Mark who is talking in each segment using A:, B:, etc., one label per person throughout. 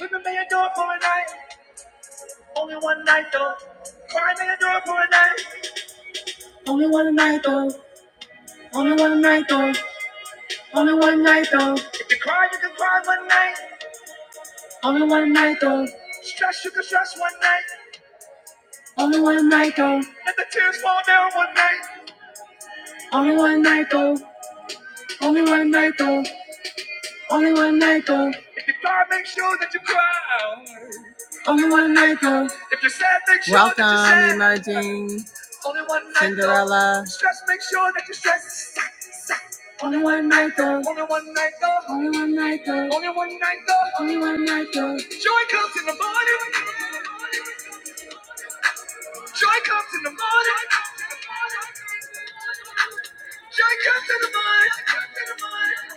A: Women may adore for a night, only one night though. Cry may adore for a night, only one night though. Only one night though, only one night though. If you cry, you can cry one night, only one night though. Stress, you can stress one night, only one night though. Let the tears fall down one night, only one night though. Only one night though. Only one night though. If you cry, make sure that you cry. Only one night though. If you're sad, make sure Welcome, that you're sad. emerging. Only one night though. Cinderella. Though. Stress, make sure that you're stressed. Only one night though. Only one night though. Only one night though. Only one night though. Only one night though. Joy comes in the morning. Joy comes in the morning. Joy comes in the morning.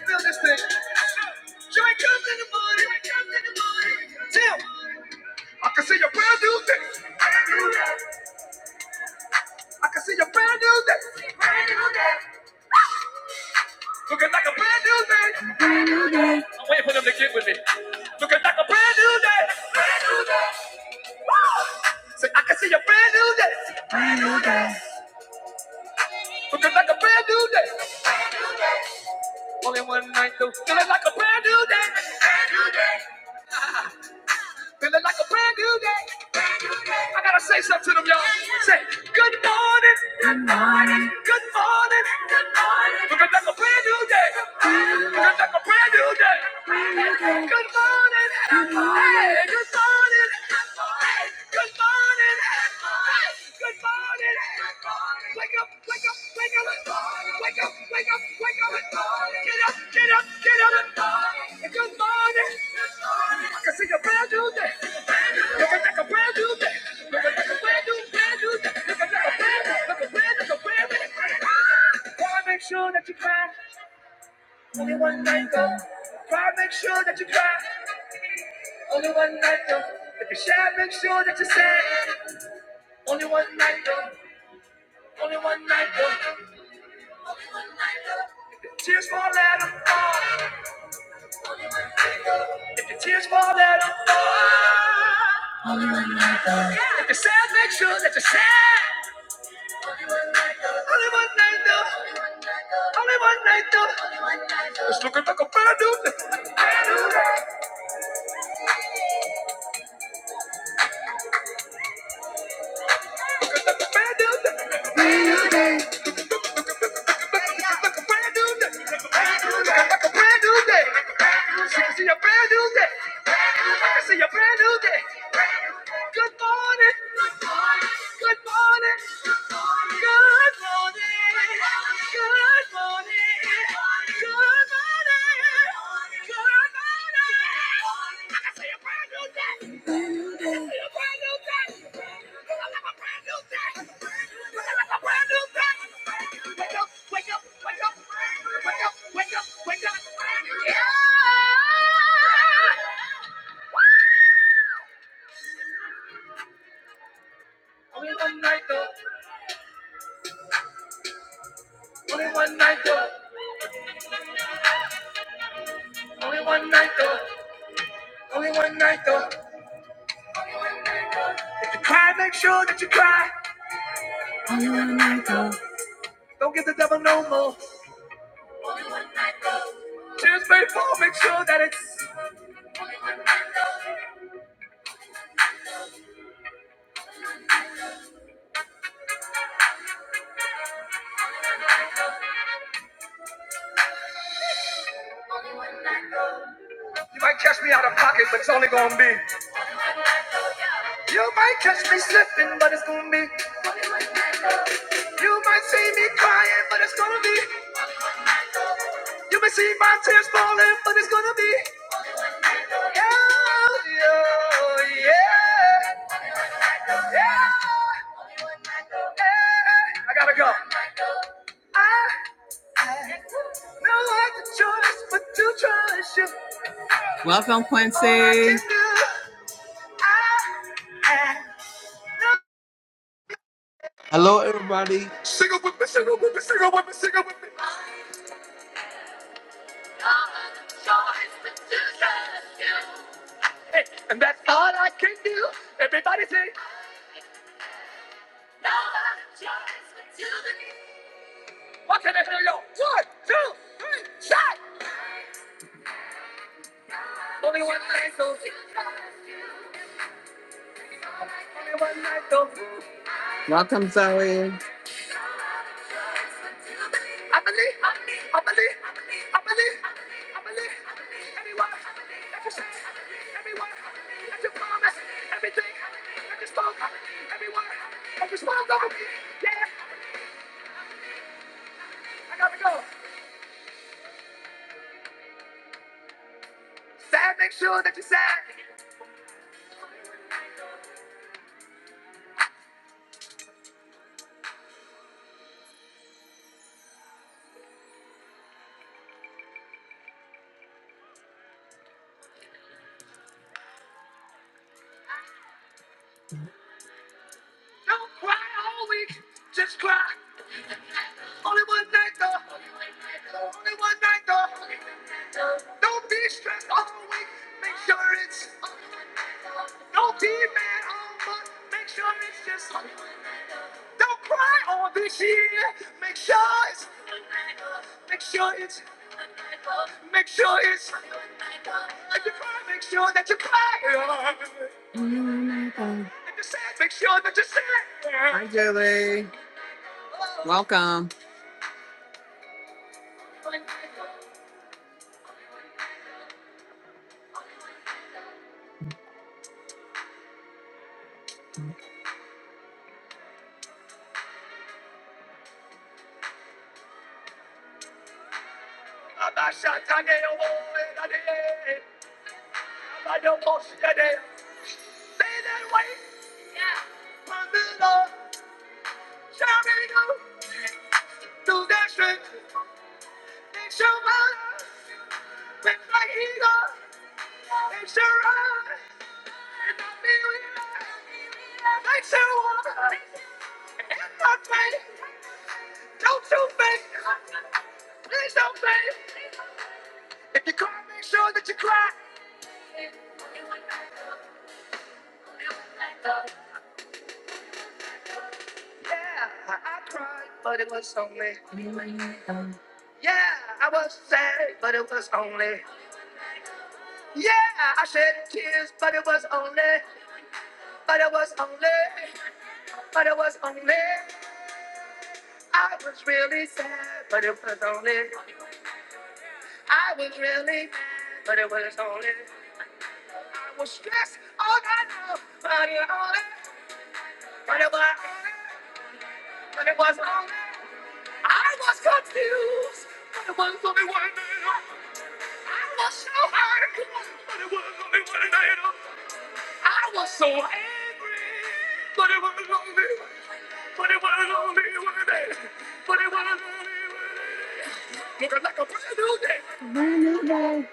A: Feel this thing. Joy comes in the morning. Tim, I can see your brand new day. I can see your brand new day. Looking like a brand new day. I'm waiting for them to get with me. Looking like a brand new day. Say, I can see your brand new day. Looking like a brand new day. Only one night though. Feeling like a brand new day. Feeling like a brand new day. I gotta say something to them, y'all. Say, good morning morning, good morning, good morning. Looking like a brand new day. Looking like a brand new day. Good morning, good morning. Hey, good morning, good morning. Hey, good morning, good morning. Good morning. Wake up, wake up, wake up. Wake up, wake up, wake up. Get up, get up, get up. Good morning. I can see a brand new day. Looking like a brand new day. Looking like a brand new, brand new day. Gotta make sure that you cry. Only one night though. Try make sure that you cry. Only one night though. If you share, make sure that you sad. Only one night though. Only one night though. If the tears fall, let 'em fall. If the tears fall, let 'em fall. If you're sad, make sure that you're sad. Only one night though. Only one night though. It's looking like a brand new day. Looking like a brand new day. Like a brand new day. Like a brand new day. I can see a brand new day. I can see a brand new day. Good morning. Good morning. Good morning. Good morning. Good morning. Good morning. I can see a brand new day. Make sure that you cry. Don't give the devil no more. Just faithful, make sure that it's. You might catch me out of pocket, but it's only gonna be. You might catch me slipping, but it's gonna be. You might see me crying, but it's gonna be. You may see my tears falling, but it's gonna be. Yeah, yeah, yeah, yeah. I gotta go. I had no other choice but to trust you. Welcome, Quincy. All I can do, I had
B: Hello, everybody.
A: Sing it with me, sing it with me, sing it with me, sing it with me. Hey, and that's all I can do. Everybody sing. No other choice. What can I do? One, two, three, shot! Only one night, so only one night, so Welcome, Zoe. I believe, I believe, I believe, I believe, everyone, that you said, everyone, that you promised, everything, that you spoke, everyone, that you spoke over me. Yeah, I gotta go. Sad, make sure that you are sad. Don't cry all week, just cry. Only one night, though. Only one night, though. Don't be stressed all week. Make sure it's don't be mad all month. Make sure it's just don't cry all this year. Make sure it's make sure it's make sure it's if you cry, make sure that you cry. Oh my If you're sad, make sure that you're sad. Hi Julie. Welcome. Stay that way, my little child. Do that shit. It's your mind, with my ego. It's your I feel it. It's your water, in Don't you fake, please don't fake. If you cry, make sure that you cry. Yeah, I cried, but it was only. Yeah, I was sad, but it was only. it was only one night. I was so hurt, but it was only one night. I was so angry, but it was only. Looking like a brand new day. Good day.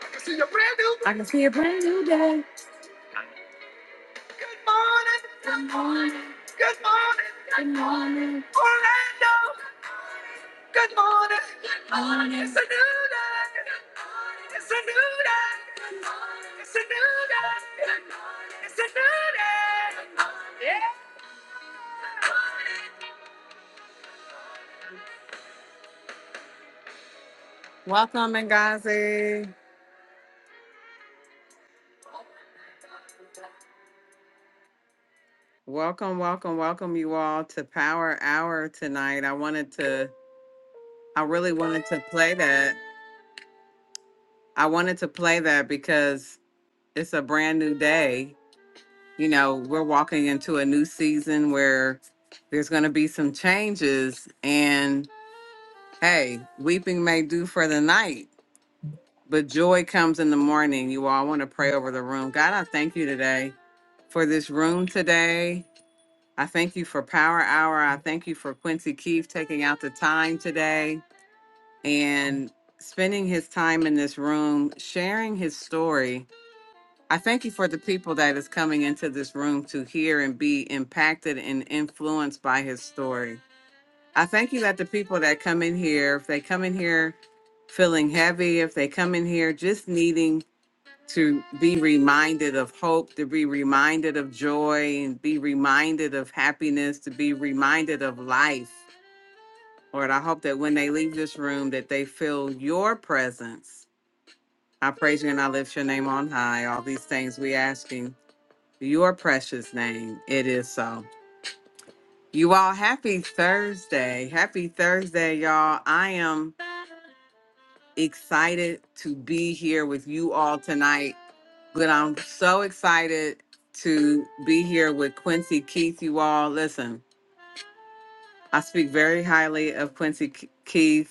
A: I can see a brand new I can see a brand new day. Good morning. Good morning. Orlando. Good morning. a new day. It's a new day. It's a new day. It's a new day. Yeah. Welcome, Ngazi. Welcome, welcome, welcome you all to Power Hour tonight. I wanted to I really wanted to play that. I wanted to play that because it's a brand new day. You know, we're walking into a new season where there's going to be some changes. And hey, weeping may do for the night, but joy comes in the morning. You all want to pray over the room. God, I thank you today for this room today. I thank you for Power Hour. I thank you for Quincy Keefe taking out the time today. and spending his time in this room, sharing his story. I thank you for the people that is coming into this room to hear and be impacted and influenced by his story. I thank you that the people that come in here, if they come in here feeling heavy, if they come in here just needing to be reminded of hope, to be reminded of joy, and be reminded of happiness, to be reminded of life. Lord, I hope that when they leave this room that they feel your presence I praise you and I lift your name on high. All these things we asking your precious name. It is so. You all, happy Thursday. Happy Thursday, y'all. I am excited to be here with you all tonight, but I'm so excited to be here with Quincy Keith. You all, listen, I speak very highly of Quincy K- Keith.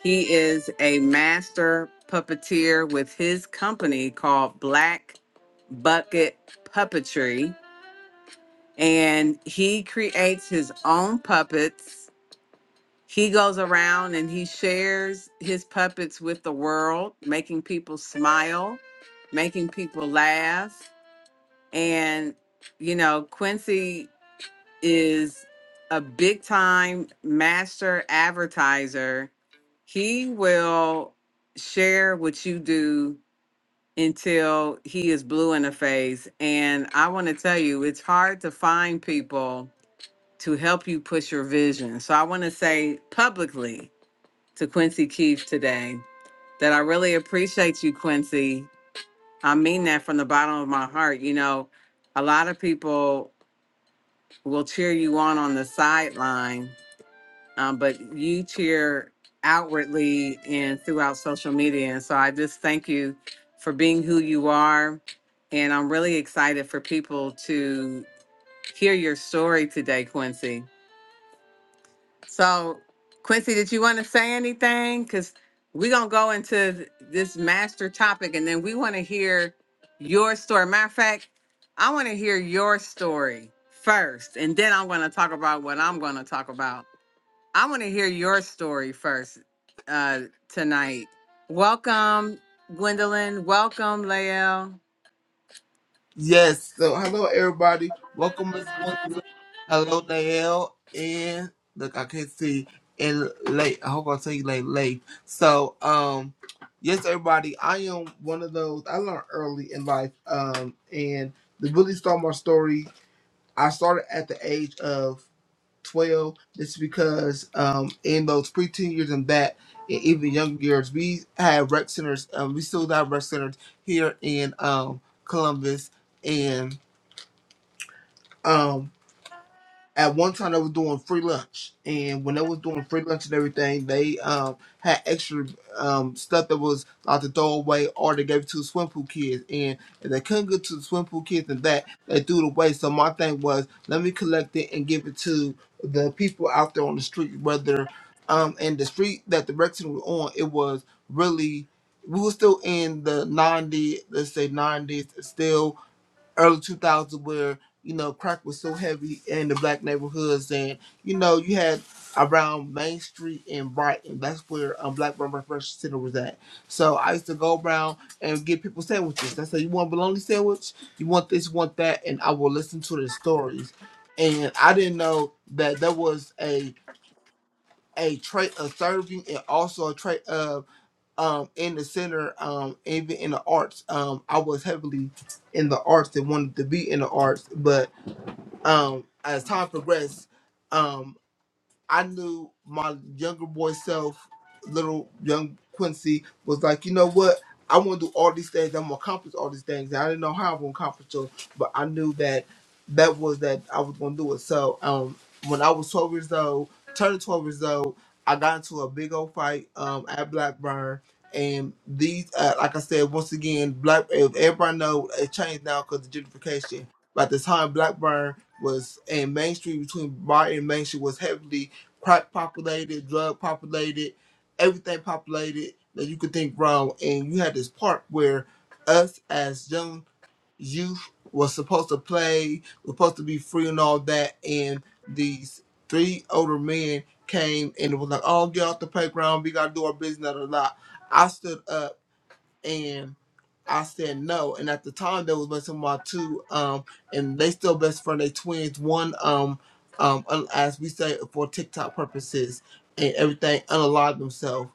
A: He is a master puppeteer with his company called Black Bucket Puppetry, and he creates his own puppets. He goes around and he shares his puppets with the world, making people smile, making people laugh. And, you know, Quincy is a big time master advertiser. He will share what you do until he is blue in the face. And I want to tell you, it's hard to find people to help you push your vision. So I want to say publicly to Quincy Keefe today that I really appreciate you, Quincy. I mean that from the bottom of my heart. You know, a lot of people will cheer you on on the sideline um, but you cheer outwardly and throughout social media. And so I just thank you for being who you are. And I'm really excited for people to hear your story today, Quincy. So, Quincy, did you want to say anything? Because we're going to go into th- this master topic and then we want to hear your story. Matter of fact, I want to hear your story first, and then I'm going to talk about what I'm going to talk about I want to hear your story first uh, tonight. Welcome, Gwendolyn. Welcome, Lael.
B: Yes, so hello, everybody. Welcome, Miss Gwendolyn. Hello, Nael. And look, I can't see. And late, I hope I tell you late, late. So, um, yes, everybody, I am one of those I learned early in life. Um, and the Billy Star My Story, I started at the age of 12 It's because um, in those preteen years and that, and even younger years, we had rec centers. Um, we still have rec centers here in um, Columbus. And um, at one time they was doing free lunch, and when they was doing free lunch and everything, they um had extra um stuff that was like to throw away or they gave it to the swim pool kids. And if they couldn't get to the swim pool kids and that, they threw it away. So my thing was, let me collect it and give it to the people out there on the street, whether um and the street that the rec center was on, it was really we were still in the 90s, let's say 90s, still early 2000s where you know crack was so heavy in the black neighborhoods and you know you had around main street and brighton that's where um, black Burn Refreshment center was at so i used to go around and get people sandwiches i said you want a bologna sandwich you want this you want that and i will listen to their stories and i didn't know that there was a a trait of serving and also a trait of um in the center um even in the arts um i was heavily in the arts and wanted to be in the arts but um as time progressed um, I knew my younger boy self, little young Quincy, was like, you know what? I want to do all these things. I'm gonna accomplish all these things. And I didn't know how I'm gonna accomplish them, but I knew that that was that I was gonna do it. So um, when I was 12 years old, turned 12 years old, I got into a big old fight um, at Blackburn. And these, uh, like I said, once again, black. If everybody know it changed now because of gentrification. By the time Blackburn was and Main Street between Bar and Main Street was heavily crack populated, drug populated, everything populated that you could think wrong. And you had this part where us as young youth was supposed to play, was supposed to be free and all that. And these three older men came and it was like, oh, get off the playground. We got to do our business. Blah, blah, blah. I stood up and I said no. And at the time, there was messing with my two, um, and they still best friend. They twins. One, um, um, un- as we say for TikTok purposes and everything, unalive themselves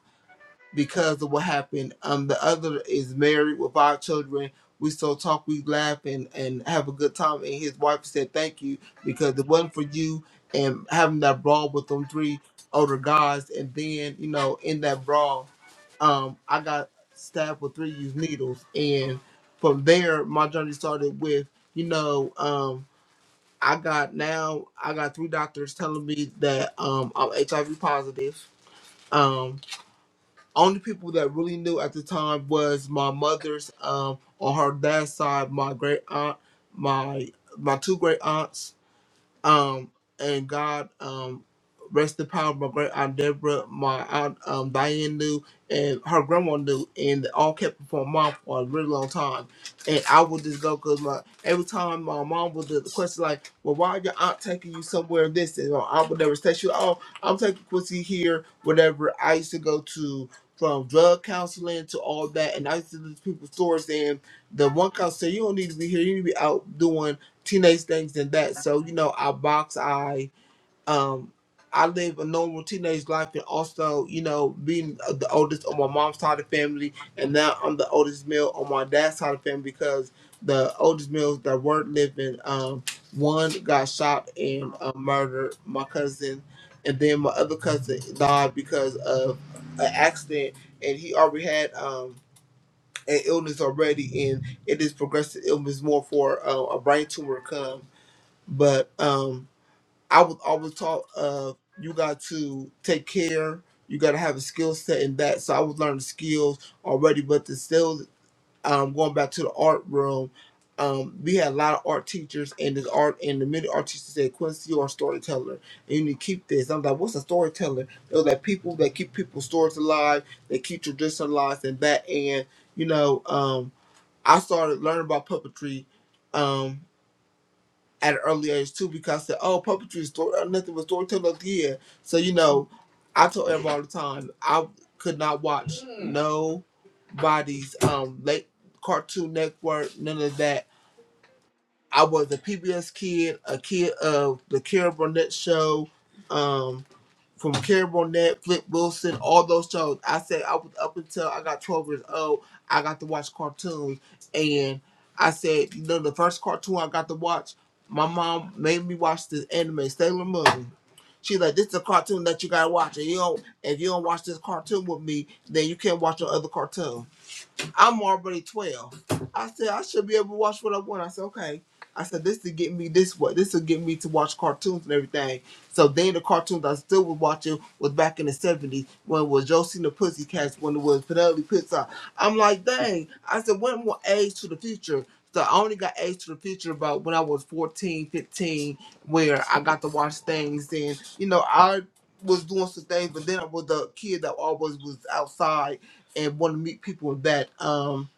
B: because of what happened. Um, the other is married with five children. We still talk, we laugh, and, and have a good time. And his wife said thank you because it wasn't for you and having that brawl with them three older guys. And then, you know, in that brawl, um, I got stabbed with three used needles. And from there, my journey started with, you know, um, I got now, I got three doctors telling me that um, I'm HIV positive. um." only people that really knew at the time was my mother's um on her dad's side, my great aunt, my my two great aunts, um, and God, um, rest the power of my great aunt Deborah, my aunt um, Diane knew, and her grandma knew, and they all kept it for a mom for a really long time. And I would just go because my every time my mom would do the question like, "Well, why your aunt taking you somewhere?" This and all, I would never say, "She, oh, I'm taking Quincy here." Whatever. I used to go to from drug counseling to all that, and I used to do people's stores. And the one counselor said, "You don't need to be here. You need to be out doing." teenage things than that. So you know, I box. I um, I live a normal teenage life, and also you know, being the oldest on my mom's side of the family, and now I'm the oldest male on my dad's side of the family because the oldest males that weren't living, um, one got shot and uh, murdered. My cousin. And then my other cousin died because of an accident, and he already had um, an illness already, and it is progressive illness more for uh, a brain tumor come. But um, I was always taught uh, you got to take care. You got to have a skill set in that. So I was learning skills already, but the still um, going back to the art room. Um, we had a lot of art teachers, and this art and the many art teachers said, "Quincy, you are a storyteller, and you need to keep this." I'm like, "What's a storyteller?" It was like people that keep people's stories alive, they keep tradition alive, and that. And you know, um, I started learning about puppetry. Um, at an early age too because I said, oh, puppetry is story, uh, nothing but storytelling up here. So, you know, I told everybody all the time, I could not watch nobody's um, late Cartoon Network, none of that. I was a PBS kid, a kid of the Carol Burnett show. Um, from Carrie Burnett, Flip Wilson, all those shows. I said I was up until I got 12 years old, I got to watch cartoons. And I said, you know, the first cartoon I got to watch, my mom made me watch this anime, Sailor Moon. She like, this is a cartoon that you gotta watch. And you don't, if you don't watch this cartoon with me, then you can't watch no other cartoon. I'm already 12. I said, I should be able to watch what I want. I said, okay. I said, this to get me this way. This will get me to watch cartoons and everything. So then the cartoons I still was watching was back in the 70s when it was Josie and the Pussycats, when it was Penelope Pizza. I'm like, dang. I said, one more age to the future. So I only got age to the future about when I was 14, 15, where I got to watch things. And, you know, I was doing some things, but then I was the kid that always was outside and want to meet people with that. Um,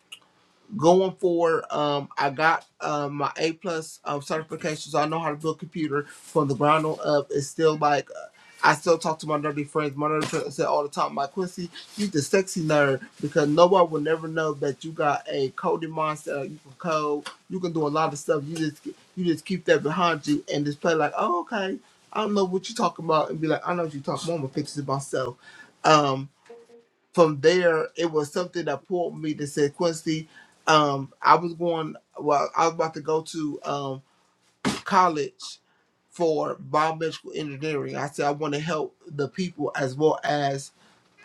B: going forward, um, I got um, my A plus um, certification, so I know how to build a computer from the ground on up. It's still like uh, I still talk to my nerdy friends. My nerdy friends say all the time, "My Quincy, you the sexy nerd," because nobody will never know that you got a coding monster. You can code. You can do a lot of stuff. You just you just keep that behind you and just play like, "Oh, okay." I don't know what you're talking about, and be like, "I know what you're talking about." I'm gonna fix it myself. Um, from there, it was something that pulled me to say, Quincy, um, I was going, well, I was about to go to um, college for biomedical engineering. I said, I want to help the people as well as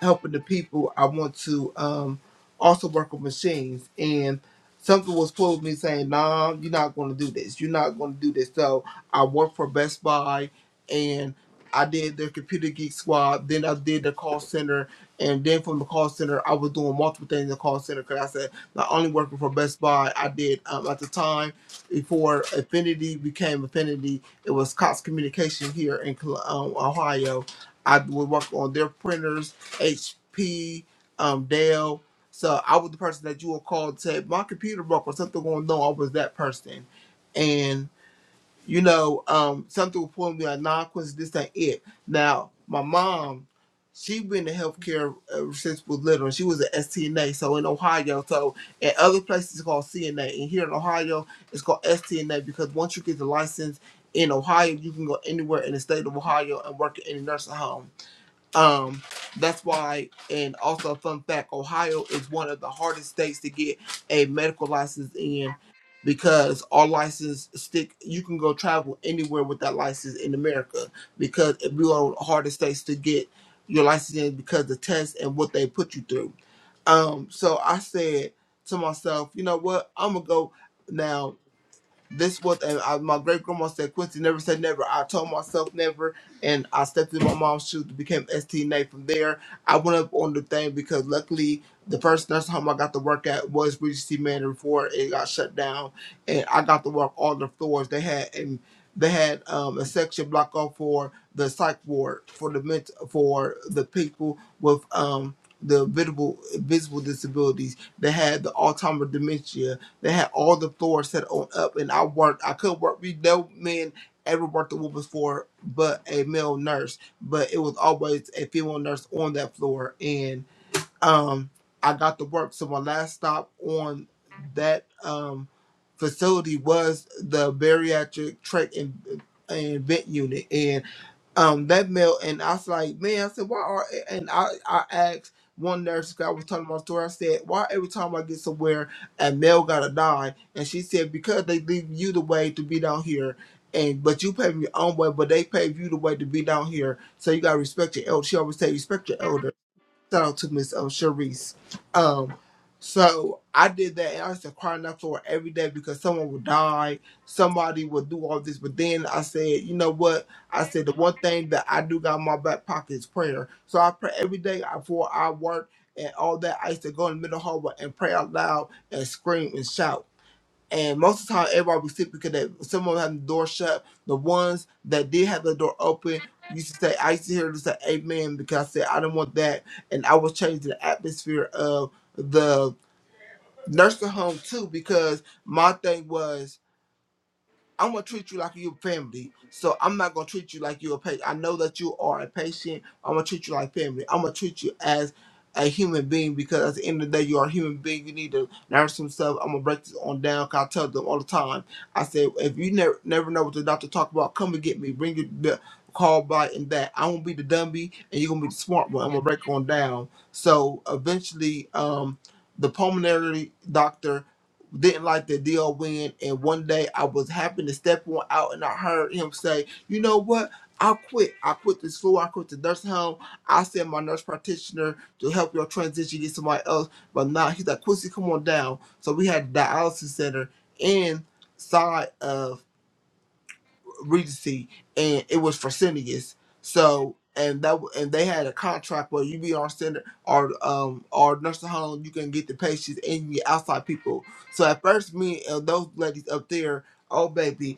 B: helping the people, I want to um, also work with machines. And something was pulling me saying, nah, you're not going to do this. You're not going to do this. So I worked for Best Buy and I did their computer geek squad. Then I did the call center. And then from the call center, I was doing multiple things in the call center because I said, not only working for Best Buy, I did um, at the time before Affinity became Affinity, it was Cox Communication here in Col- um, Ohio. I would work on their printers HP, um, Dale. So I was the person that you would call and say, my computer broke or something going on. I was that person. And, you know, um, something would point me like, nah, Quincy, this ain't it. Now, my mom, she been in healthcare ever since we was little. She was at STNA, so in Ohio. So in other places, it's called CNA. And here in Ohio, it's called STNA because once you get the license in Ohio, you can go anywhere in the state of Ohio and work in any nursing home. Um, that's why, and also a fun fact: Ohio is one of the hardest states to get a medical license in because our license stick. You can go travel anywhere with that license in America because we are one of the hardest states to get your license in because the tests and what they put you through. Um, so I said to myself, you know what? I'm gonna go now this was and I, my great grandma said Quincy never said never. I told myself never, and I stepped in my mom's shoes, became STNA. From there, I went up on the thing because luckily the first nursing home I got to work at was Regency Manor before it got shut down, and I got to work all the floors they had and. They had um, a section block off for the psych ward for the ment- for the people with um, the visible visible disabilities. They had the Alzheimer dementia they had all the floors set on up, and I worked. I could work. We no men ever worked the whoop before, but a male nurse. But it was always a female nurse on that floor, and um, I got to work. So my last stop on that um facility was the bariatric tract and and vent unit, um that mail and I was like, man, I said, why are and I I asked one nurse 'cause I was telling my story, I said, why every time I get somewhere a male gotta die? And she said, Because they leave you the way to be down here and but you pave your own way, but they pave you the way to be down here. So you gotta respect your elder. She always say respect your elder. So to Miss um, Sharice. Um, so I did that, and I used to cry enough for her every day because someone would die, somebody would do all this. But then I said, you know what? I said the one thing that I do got in my back pocket is prayer. So I pray every day before I work and all that. I used to go in the middle hallway and pray out loud and scream and shout. And most of the time, everybody was sick because they, some of them had the door shut. The ones that did have the door open used to say, I used to hear them say amen because I said, I didn't want that. And I was changing the atmosphere of the nursing home too because my thing was, I'm gonna treat you like you're family. So I'm not gonna treat you like you're a patient. I know that you are a patient. I'm gonna treat you like family. I'm gonna treat you as a human being because at the end of the day, you are a human being. You need to nourish yourself. I'm gonna break this on down. Cause I tell them all the time. I say, if you never never know what the doctor talk about, come and get me. Bring your the call by and that. I'm gonna be the dummy and you're gonna be the smart one. I'm gonna break it on down. So eventually, um, the pulmonary doctor didn't like the deal win. And one day I was happy to step one out and I heard him say, you know what? I quit. I quit the school. I quit the nursing home. I sent my nurse practitioner to help your transition get somebody else. But now he's like, Quincy, come on down. So we had a dialysis center inside of Regency, and it was for Syneas. So and that and they had a contract where you be on center or um or nursing home, you can get the patients and you get outside people. So at first, me and those ladies up there, oh baby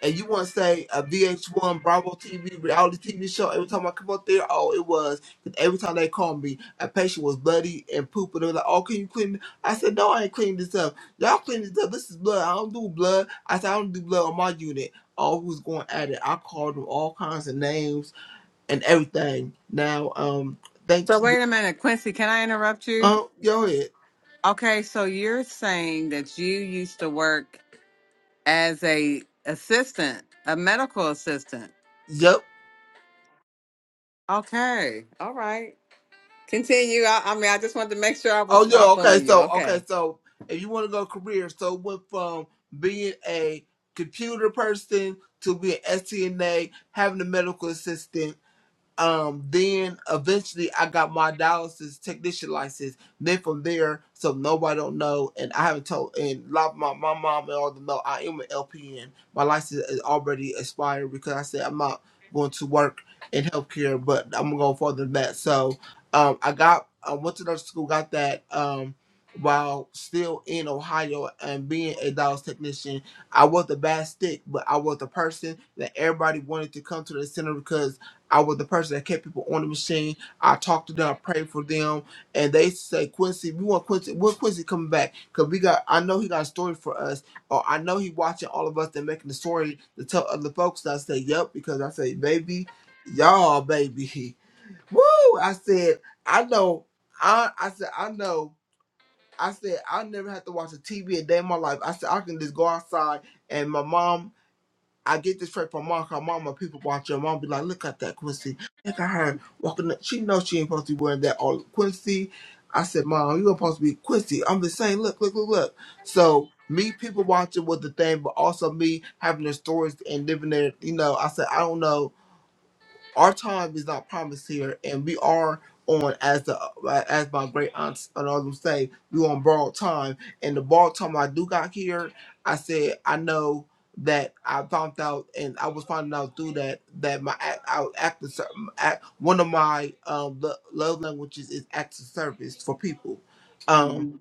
B: and you want to say a VH1 Bravo TV reality TV show every time I come up there, oh, it was. 'Cause every time they called me, a patient was bloody and poop, and they were like, oh, can you clean? it?" I said, no, I ain't cleaning this up. Y'all clean this up. This is blood. I don't do blood. I said, I don't do blood on my unit. Oh, who's going at it? I called them all kinds of names and everything. Now, um, thank,
A: So, wait a minute, Quincy, can I interrupt you?
B: Um, go ahead.
A: Okay, so you're saying that you used to work as a assistant, a medical assistant.
B: Yep.
A: Okay, all right. Continue. I, I mean, I just wanted to make sure I was
B: Oh no, okay,
A: following you.
B: so
A: Okay.
B: okay, so if you want to go career, so went from being a computer person to being STNA, having a medical assistant. Um, then eventually I got my dialysis technician license. Then from there, so nobody don't know, and I haven't told, and a lot of my, my mom and all them know I am an LPN. My license is already expired because I said I'm not going to work in healthcare, but I'm going further than that. So um, I got, I went to nursing school, got that um, while still in Ohio and being a dialysis technician. I was the bad stick, but I was the person that everybody wanted to come to the center because I was the person that kept people on the machine. I talked to them, I prayed for them, and they say, Quincy, we want Quincy. When Quincy coming back? Cause we got, I know he got a story for us, or I know he watching all of us and making the story to tell other folks. And I say, yep, because I say, baby, y'all, baby, woo! I said, I know, I, I said, I know. I said I never had to watch a TV a day in my life. I said I can just go outside and my mom I get this straight from Mark, her mama, people watch her mom be like, look at that Quincy. Look at her walking up. She knows she ain't supposed to be wearing that all Quincy. I said, Mom, you were supposed to be Quincy. I'm just saying, look, look, look, look. So me people watching was the thing, but also me having their stories and living there, you know, I said, I don't know our time is not promised here, and we are on as the as my great aunts and others say, we on borrowed time. And the borrowed time I do got here, I said I know that I found out, and I was finding out through that that my act, I act, act one of my um, lo- love languages is acts of service for people. Um,
A: Mhm.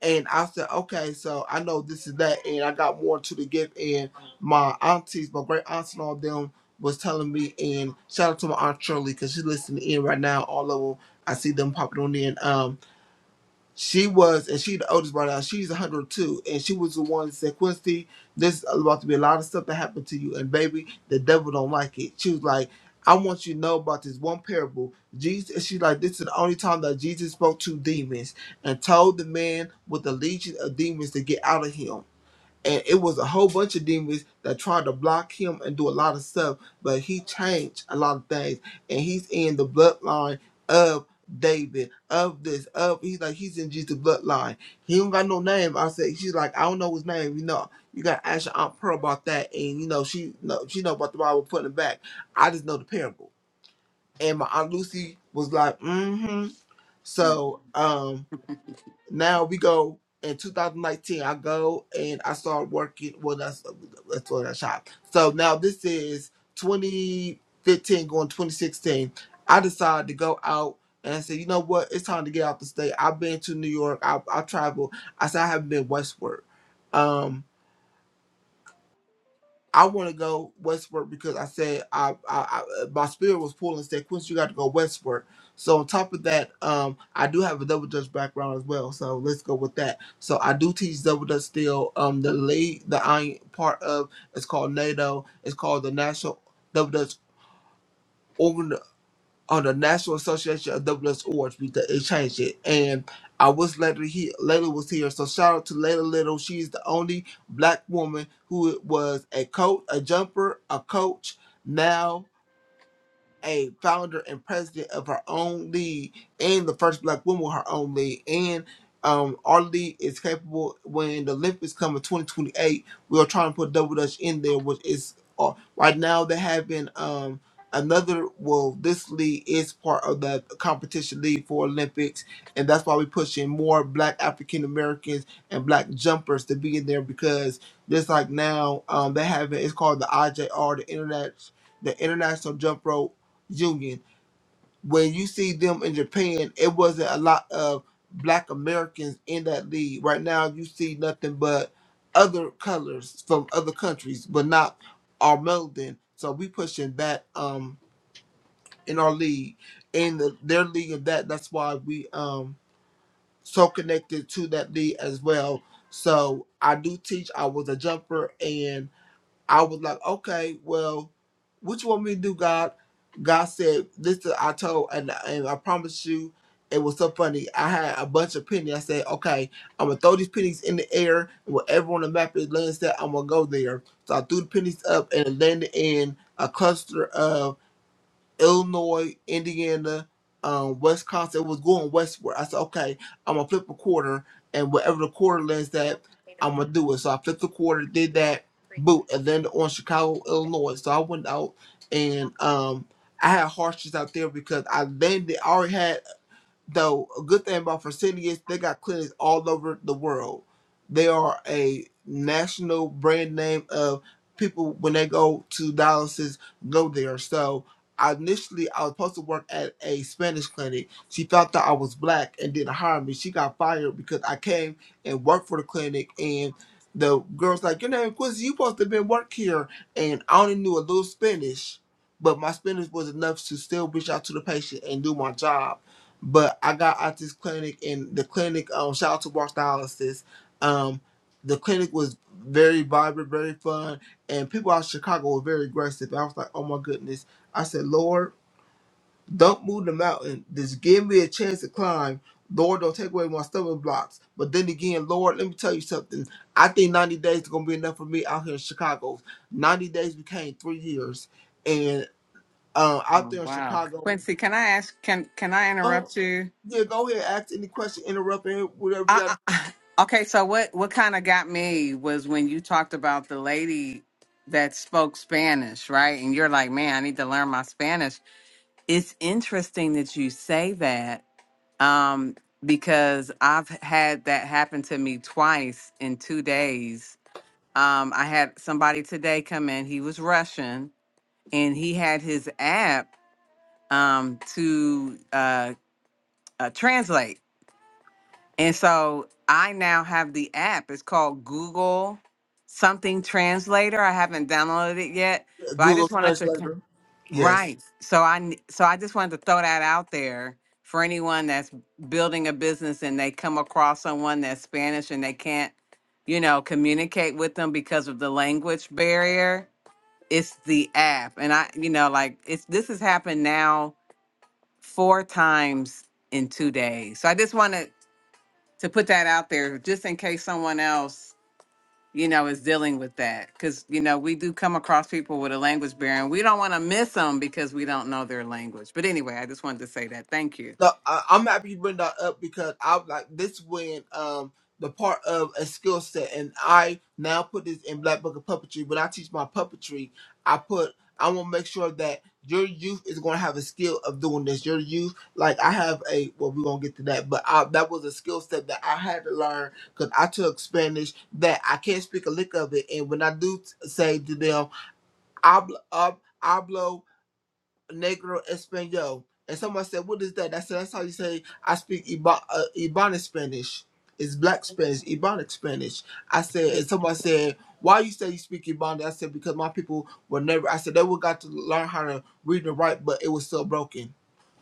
B: and I said, okay, so I know this is that, and I got more to the gift. And my aunties, my great aunts and all them was telling me, and shout out to my aunt Shirley because she's listening in right now. All of them, I see them popping on in. Um. She was, and she the oldest right now. She's 102, and she was the one that said, "Quincy, this is about to be a lot of stuff that happened to you, and baby, the devil don't like it." She was like, "I want you to know about this one parable." Jesus, and she's like, "This is the only time that Jesus spoke to demons and told the man with the legion of demons to get out of him." and it was a whole bunch of demons that tried to block him and do a lot of stuff, but he changed a lot of things, and he's in the bloodline of David, of this, of he's like he's in Jesus' bloodline. He don't got no name. I said she's like I don't know his name. You know, you got to ask your aunt Pearl about that, and you know she know she know about the Bible putting it back. I just know the parable, and my aunt Lucy was like, mm-hmm. So, um now we go in 2019 i go and i start working well that's that's what i shop so now this is 2015 going 2016 i decided to go out and i said you know what it's time to get out the state i've been to new york i, I traveled i said i haven't been westward Um, I want to go westward because I said I, I, I uh, my spirit was pulling and said, Quincy, you got to go westward. So on top of that, um, I do have a double dutch background as well. So let's go with that. So I do teach double dutch still. Um, the lead, the I part of it's called NATO. It's called the National Double Dutch on the National Association of WS Awards because they changed it. And I was later here. Layla was here, so shout out to Layla Little. She's the only black woman who was a coach, a jumper, a coach. Now a founder and president of her own league and the first black woman with her own league. And um, our league is capable when the Olympics come in 2028. We are trying to put Double Dutch in there, which is uh, right now they're having um, another. Well, this league is part of the competition league for Olympics, and that's why we're pushing more black African Americans and black jumpers to be in there because just like now um, they have it. it's called the IJR, the Internet the International Jump Rope Union. When you see them in Japan, it wasn't a lot of black Americans in that league. Right now, you see nothing but other colors from other countries, but not our Meldon. So we pushing that um in our league, in the, their league of that. That's why we um so connected to that league as well. So I do teach. I was a jumper and. I was like, okay, well, what you want me to do, God? God said, listen, I told, and, and I promise you, it was so funny. I had a bunch of pennies. I said, okay, I'm going to throw these pennies in the air, and wherever on the map it lands that I'm going to go there. So I threw the pennies up, and it landed in a cluster of Illinois, Indiana, um, Wisconsin. It was going westward. I said, okay, I'm gonna flip a quarter, and whatever the quarter lands that, I'm gonna do it. So I flipped the quarter, did that, boot, and landed on Chicago, Illinois. So I went out and um, I had hardships out there because I landed. I already had. Though a good thing about Fresenius, is they got clinics all over the world. They are a national brand name of people when they go to dialysis go there. So I initially I was supposed to work at a Spanish clinic. She found out I was black and didn't hire me. She got fired because I came and worked for the clinic and the girl's like, Your name Quincy, you supposed to have been work here and I only knew a little Spanish but my Spanish was enough to still reach out to the patient and do my job but I got out this clinic and the clinic um shout out to Walk Dialysis. Um the clinic was very vibrant, very fun, and people out of Chicago were very aggressive. I was like, oh my goodness. I said, Lord, don't move the mountain. Just give me a chance to climb. Lord, don't take away my stumbling blocks. But then again, Lord, let me tell you something. I think 90 days is gonna be enough for me out here in Chicago. 90 days became three years. And um, out
A: Oh,
B: there in
A: wow,
B: Chicago,
A: Quincy, can I ask? Can can I
B: Oh,
A: interrupt you?
B: yeah, go ahead, ask any question, interrupt any, whatever you got
A: I,
B: to
A: I, okay, so what what kind of got me was when you talked about the lady that spoke Spanish, right? And you're like, "Man, I need to learn my Spanish." It's interesting that you say that um because I've had that happen to me twice in 2 days. Um I had somebody today come in, he was Russian and he had his app um to uh, uh translate And so I now have the app. It's called Google Something Translator. I haven't downloaded it yet,
B: do.
A: but I
B: Google
A: just wanted to con-
B: Translator. Yes.
A: right. So I n- so I just wanted to throw that out there for anyone that's building a business and they come across someone that's Spanish and they can't, you know, communicate with them because of the language barrier. It's the app. And I, you know, like it's this has happened now four times in two days. So I just want to to put that out there just in case someone else you know is dealing with that because you know we do come across people with a language barrier and we don't want to miss them because we don't know their language but anyway i just wanted to say that thank you
B: No, I, I'm happy you bring that up because I was like this when um the part of a skill set and I now put this in Black Book of Puppetry. When I teach my puppetry, I put I want to make sure that your youth is going to have a skill of doing this. Your youth, like I have a well, we're gonna get to that, but I, that was a skill set that I had to learn because I took Spanish that I can't speak a lick of it, and when I do say to them. Obl- ob- Oblo, negro español. And someone said, what is that? I said, that's how you say I speak Iba- uh, Ibanic Spanish. It's black Spanish, Ebonic Spanish. I said, and someone said, why you say you speak Ebonic?" I said, because my people were never, I said, they would got to learn how to read and write, but it was still broken.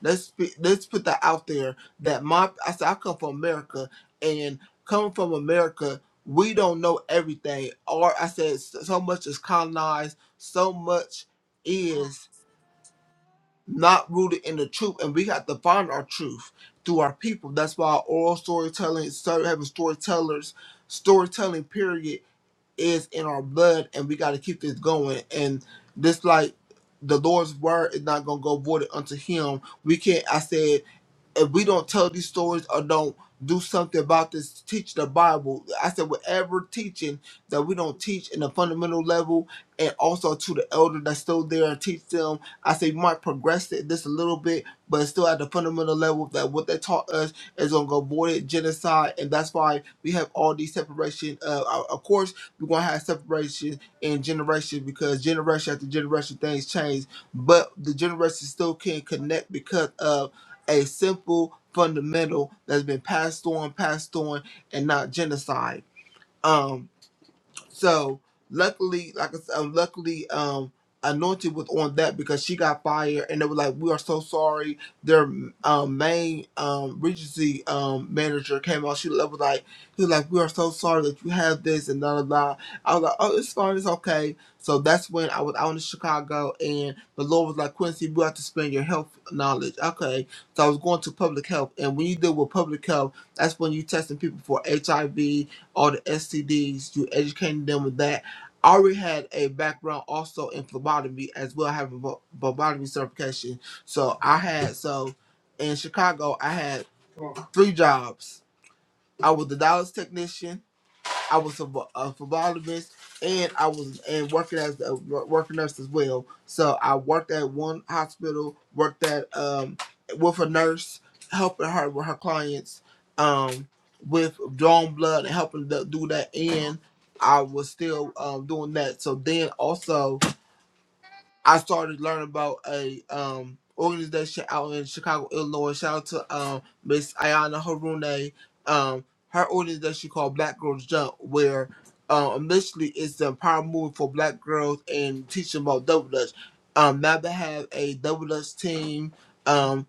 B: Let's speak, let's put that out there that my, I said, I come from America and coming from America, we don't know everything. Or I said, so so much is colonized, so much is not rooted in the truth, and we have to find our truth through our people. That's why oral storytelling, so having storytellers, storytelling period is in our blood, and we got to keep this going. And this like the Lord's word is not gonna go voided unto Him. We can't. I said if we don't tell these stories or don't do something about this, teach the Bible. I said, whatever teaching that we don't teach in the fundamental level and also to the elder that's still there and teach them, I say, you might progress it this a little bit, but it's still at the fundamental level that what they taught us is going to go void genocide. And that's why we have all these separation. Uh, of of course, we're going to have separation in generation because generation after generation things change, but the generation still can not connect because of a simple fundamental that's been passed on, passed on, and not genocide. Um, so luckily, like I said, luckily, um, Anointed was on that because she got fired, and they were like, "We are so sorry." Their um, main um, Regency um, manager came out. She was like, "He was like, we are so sorry that you have this and blah blah." blah. I was like, "Oh, it's fine, it's okay." So that's when I was out in Chicago, and the Lord was like, "Quincy, we have to spend your health knowledge." Okay, so I was going to public health, and when you deal with public health, that's when you testing people for HIV, all the STDs. You educating them with that. I already had a background also in phlebotomy as well. I have a phl- phlebotomy certification. So I had so in Chicago I had three jobs. I was the dialysis technician. I was a, vo- a phlebotomist, and I was and working as a working nurse as well. So I worked at one hospital, worked at um with a nurse, helping her with her clients, um with drawing blood and helping to do that. And I was still um doing that. So then also I started learning about a um organization out in Chicago, Illinois. Shout out to um Miss Ayana Harune. Um, her organization called Black Girls Jump, where um initially it's the empowerment movement for Black girls and teaching about double dutch. Um, now they have a double dutch team. Um,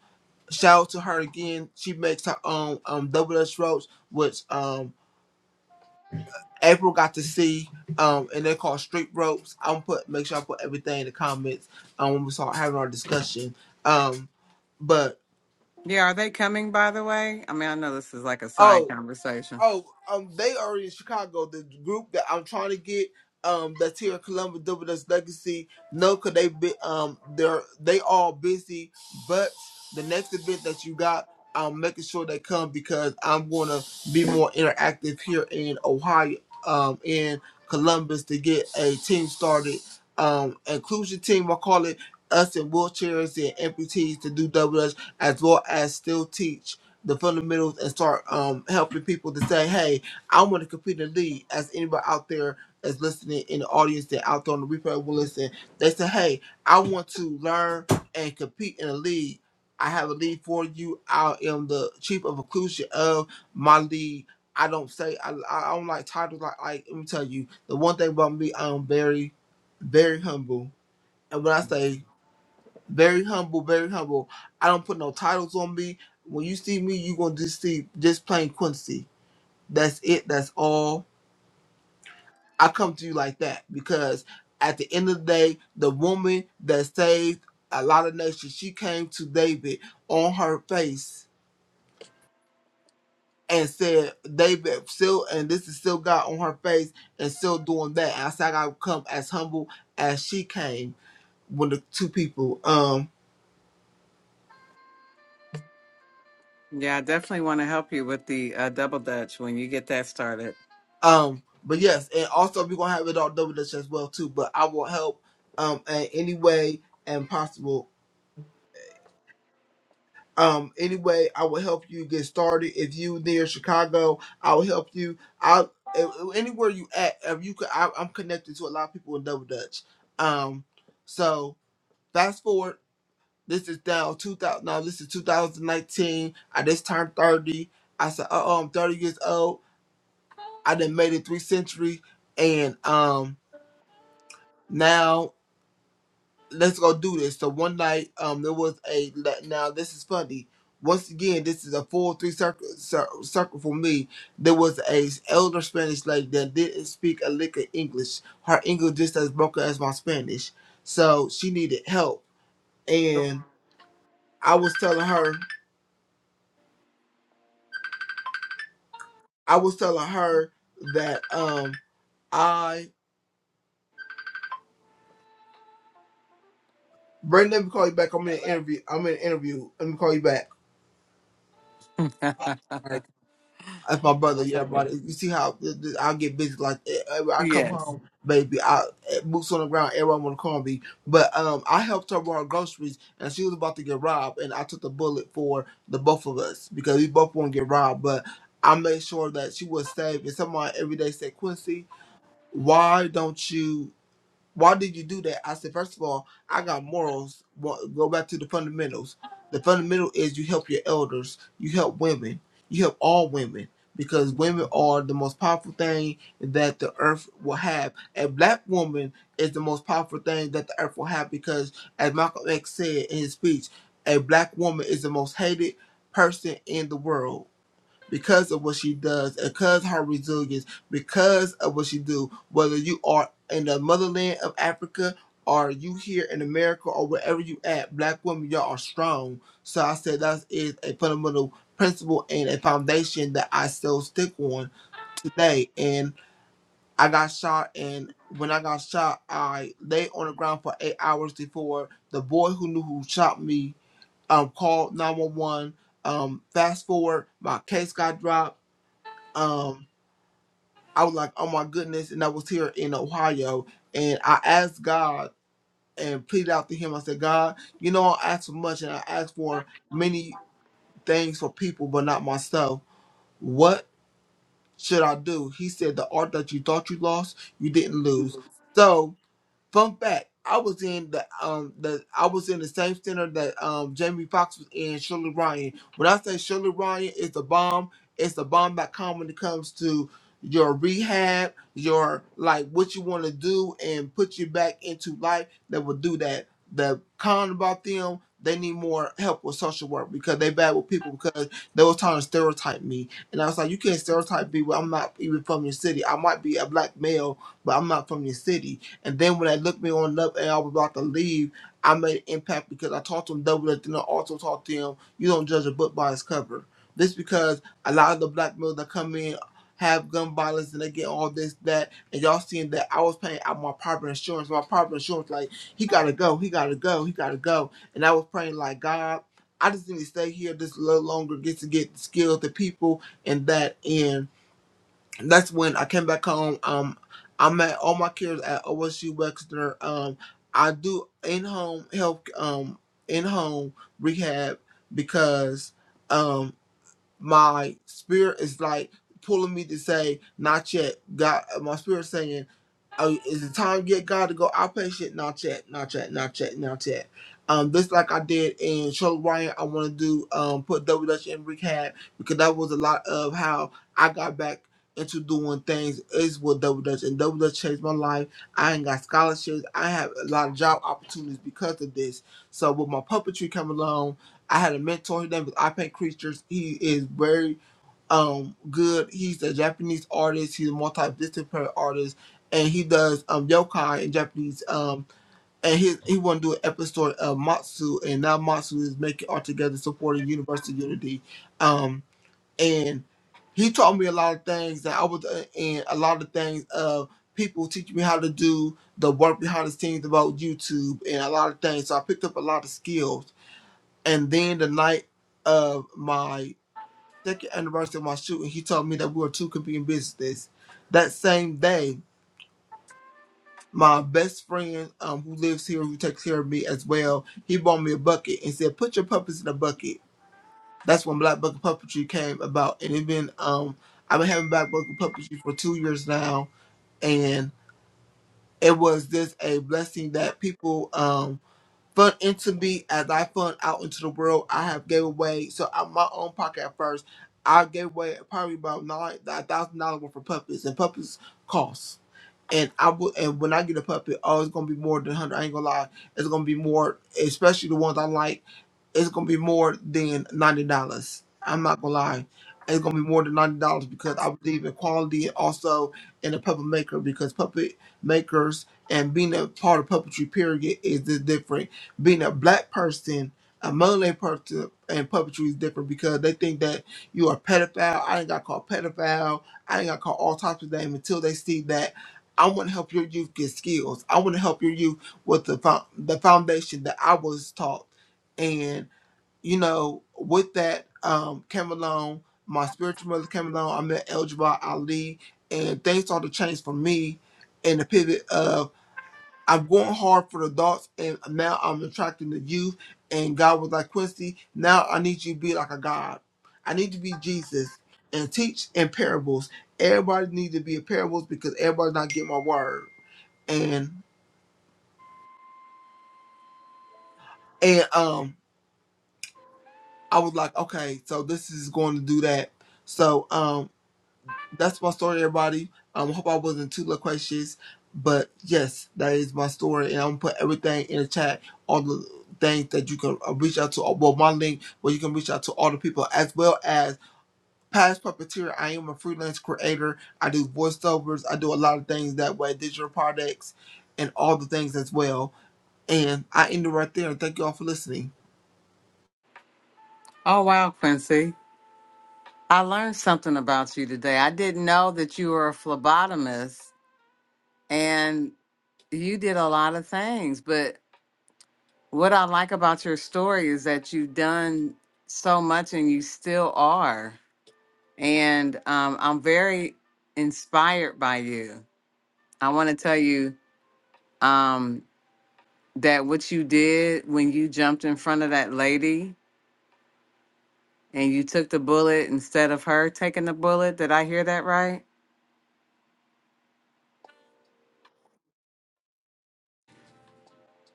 B: shout out to her again. She makes her own um double dutch ropes, which um April got to see, um, and they called street ropes. I'm put make sure I put everything in the comments um, when we start having our discussion. Um, but
A: yeah are they coming by the way i mean i know this is like a
B: oh.
A: side conversation
B: Oh, um, they are in Chicago. The group that I'm trying to get, um, that's here in Columbus, Double Dutch Legacy. No, cause they be, um, they're they all busy. But the next event that you got, I'm making sure they come because I'm gonna be more interactive here in Ohio, um, in Columbus to get a team started, um, inclusion team. I call it us in wheelchairs and amputees to do double dutch as well as still teach the fundamentals and start um, helping people to say, hey, I want to compete and lead as anybody out there that's listening in the audience that out there on the replay will listen. They say, hey, I want to learn and compete in a lead. I have a lead for you. I am the chief of inclusion of my lead. I don't say I, I don't like titles like, like let me tell you the one thing about me I'm very very humble and when I say very humble, very humble. I don't put no titles on me. When you see me, you gonna just see just plain Quincy. That's it. That's all. I come to you like that because at the end of the day, the woman that saved a lot of nations, she came to David on her face and said, David, still, and this is still God on her face and still doing that. And I said, I gotta come as humble as she came when the two people. Um,
A: yeah i definitely want to help you with the uh, double dutch when you get that started
B: Um, but yes, and also we're gonna have it on WDS as well too. But I will help um in any way and possible. Um, anyway, I will help you get started. If you near Chicago, I will help you. I anywhere you at, if you could, I, I'm connected to a lot of people in Double Dutch. Um, so fast forward. This is now 2000. Now this is 2019. I just turned 30. I said, "Uh oh, I'm 30 years old. I done made it three centuries, and um, now." let's go do this. So one night, um, there was a now this is funny. Once again, this is a full three circle cir- circle for me. There was a elder Spanish lady that didn't speak a lick of English. Her English just as broken as my Spanish, so she needed help. And I was telling her, I was telling her that um, I Brandon, let me call you back. I'm in an interview. I'm in an interview. Let me call you back.
A: I
B: All right. That's my brother.
A: love
B: Yeah,
A: it.
B: brother. You see how th- th- I get busy? Like eh, eh, when I come
A: yes
B: home, baby. I eh, boots on the ground. Everyone want to call me, but um, I helped her run groceries, and she was about to get robbed, and I took the bullet for the both of us because we both want to get robbed. But I made sure that she was safe. And someone every day said, Quincy, why don't you? Why did you do that? I said, first of all, I got morals. Wa- Go back to the fundamentals. The fundamental is you help your elders, you help women, you help all women because women are the most powerful thing that the earth will have. A black woman is the most powerful thing that the earth will have because, as Malcolm X said in his speech, a black woman is the most hated person in the world because of what she does, because her resilience, because of what she do. Whether you are in the motherland of Africa or you here in America or wherever you at, black women, y'all are strong. So I said that is a fundamental principle and a foundation that I still stick on today. And I got shot and when I got shot, I lay on the ground for eight hours before the boy who knew who shot me um, called 911. Um, fast forward, my case got dropped um I was like, oh my goodness, and I was here in Ohio, and I asked God and pleaded out to Him. I said, God, you know I asked for much, and I asked for many things for people, but not myself. What should I do? He said, the art that you thought you lost, you didn't lose. So Fun fact: I was in the um the I was in the same center that um Jamie Foxx was in. Shirley Ryan. When I say Shirley Ryan is the bomb, it's the bomb! Dot com when it comes to your rehab, your like what you want to do and put you back into life. That will do that. The con about them, they need more help with social work because they bad with people because they was trying to stereotype me, and I was like, you can't stereotype me. Well, I'm not even from your city. I might be a black male, but I'm not from your city and then when they looked me on up and I was about to leave, I made an impact because I taught them double and then I also taught them you don't judge a book by its cover. This because a lot of the black males that come in have gun violence and they get all this, that, and y'all seeing that I was paying out my private insurance. My private insurance, like, he gotta go, he gotta go, he gotta go. And I was praying like God, I just need to stay here just a little longer, get to get the skills, the people, and that end that's when I came back home. Um, I met all my kids at OSU Wexner. Um, I do in home help, um, in home rehab because um my spirit is like pulling me to say not yet. God, my spirit is saying. Oh, is it time yet, God, to go outpatient? Not yet, not yet, not yet, not yet. Um, this like I did in Show Ryan, I want to do um put Double Dutch in rehab because that was a lot of how I got back into doing things is with Double Dutch and Double Dutch changed my life. I ain't got scholarships. I have a lot of job opportunities because of this. So with my puppetry coming along, I had a mentor. His name was I Paint Creatures. He is very um good. He's a Japanese artist. He's a multidisciplinary artist, and he does um yokai in Japanese. Um, and he he want to do an episode of Matsu, and now Matsu is making art together, supporting Universal Unity. Um, and he taught me a lot of things that I was uh, in a lot of things of people teaching me how to do the work behind the scenes about YouTube and a lot of things. So I picked up a lot of skills. And then the night of my second anniversary of my shooting, he told me that we were two competing businesses. That same day, my best friend um, who lives here, who takes care of me as well, he bought me a bucket and said, "Put your puppets in a bucket." That's when Black Bucket Puppetry came about, and it been um, I've been having Black Bucket Puppetry for two years now, and it was just a blessing that people. um. Fund into me as I fund out into the world. I have gave away so out my own pocket at first. I gave away probably about nine, a thousand dollars worth of puppets, and puppets cost. And I will, and when I get a puppet, oh, it's gonna be more than hundred. I ain't gonna lie, it's gonna be more, especially the ones I like it's gonna be more than ninety dollars. I'm not gonna lie. It's gonna be more than ninety dollars because I believe in quality and also in a puppet maker because puppet makers and being a part of puppetry period is the different. Being a black person, a Malay person and puppetry is different because they think that you are a pedophile. I ain't got called pedophile. I ain't got called all types of names until they see that I want to help your youth get skills. I want to help your youth with the fo- the foundation that I was taught and you know, with that um, came along, my spiritual mother came along. I met El Jabbar Ali, and things started to change for me in the pivot of I'm going hard for the adults, and now I'm attracting the youth. And God was like, Quincy, now I need you to be like a God. I need to be Jesus and teach in parables. Everybody needs to be in parables because everybody's not getting my word. And and um, I was like, okay, so this is going to do that. So um, that's my story, everybody. I Um, hope I wasn't too loquacious, but yes, that is my story, and I'm gonna put everything in the chat, all the things that you can uh, reach out to. Well, my link where you can reach out to all the people, as well as past puppeteer. I am a freelance creator. I do voiceovers. I do a lot of things that way, digital products, and all the things as well. And I end it right there. Thank you all for listening.
A: oh wow quincy I learned something about you today. I didn't know that you were a phlebotomist and you did a lot of things. But what I like about your story is that you've done so much and you still are. And um, I'm very inspired by you. I want to tell you um, that what you did when you jumped in front of that lady and you took the bullet instead of her taking the bullet, did I hear that right?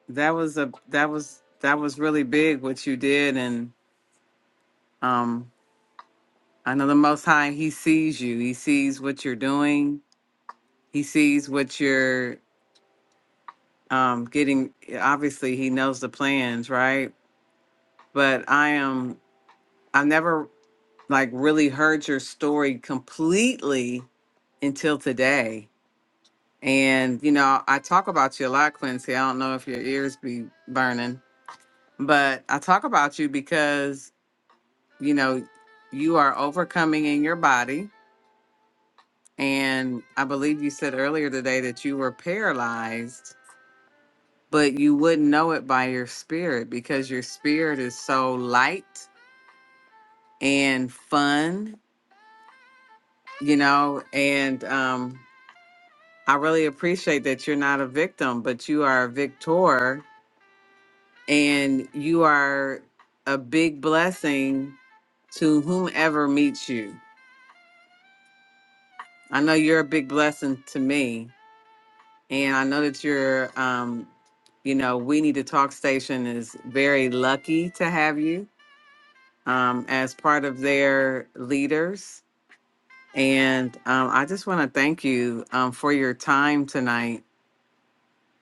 A: that was a that was that was really big what you did and um i know the most high he sees you he sees what you're doing he sees what you're um getting obviously he knows the plans right but i am i've never like really heard your story completely until today and you know i talk about you a lot quincy i don't know if your ears be burning but i talk about you because. you know, you are overcoming in your body. And I believe you said earlier today that you were paralyzed, but you wouldn't know it by your spirit because your spirit is so light and fun, you know. And um, I really appreciate that you're not a victim, but you are a victor and you are a big blessing to whomever meets you. I know you're a big blessing to me And I know that you're, um, you know, We Need to Talk Station is very lucky to have you um, as part of their leaders. And um, I just want to thank you um, for your time tonight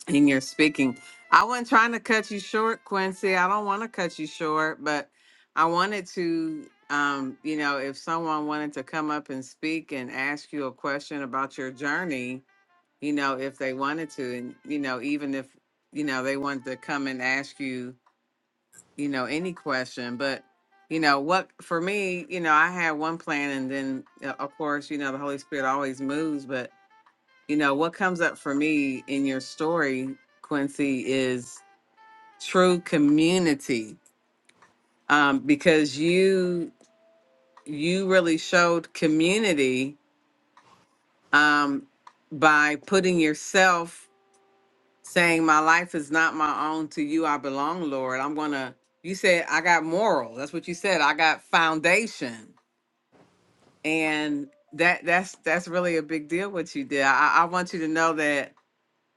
A: and your speaking. I wasn't trying to cut you short, Quincy. I don't want to cut you short, but I wanted to, um, you know, if someone wanted to come up and speak and ask you a question about your journey, you know, if they wanted to, and you know, even if you know they wanted to come and ask you, you know, any question. But you know, what for me, you know, I had one plan, and then uh, of course, you know, the Holy Spirit always moves. But you know, what comes up for me in your story, Quincy, is true community, um, because you you really showed community um, by putting yourself saying, My life is not my own, to you I belong, Lord. I'm going to, you said, I got moral. That's what you said. I got foundation. And that that's that's really a big deal what you did. I, I want you to know that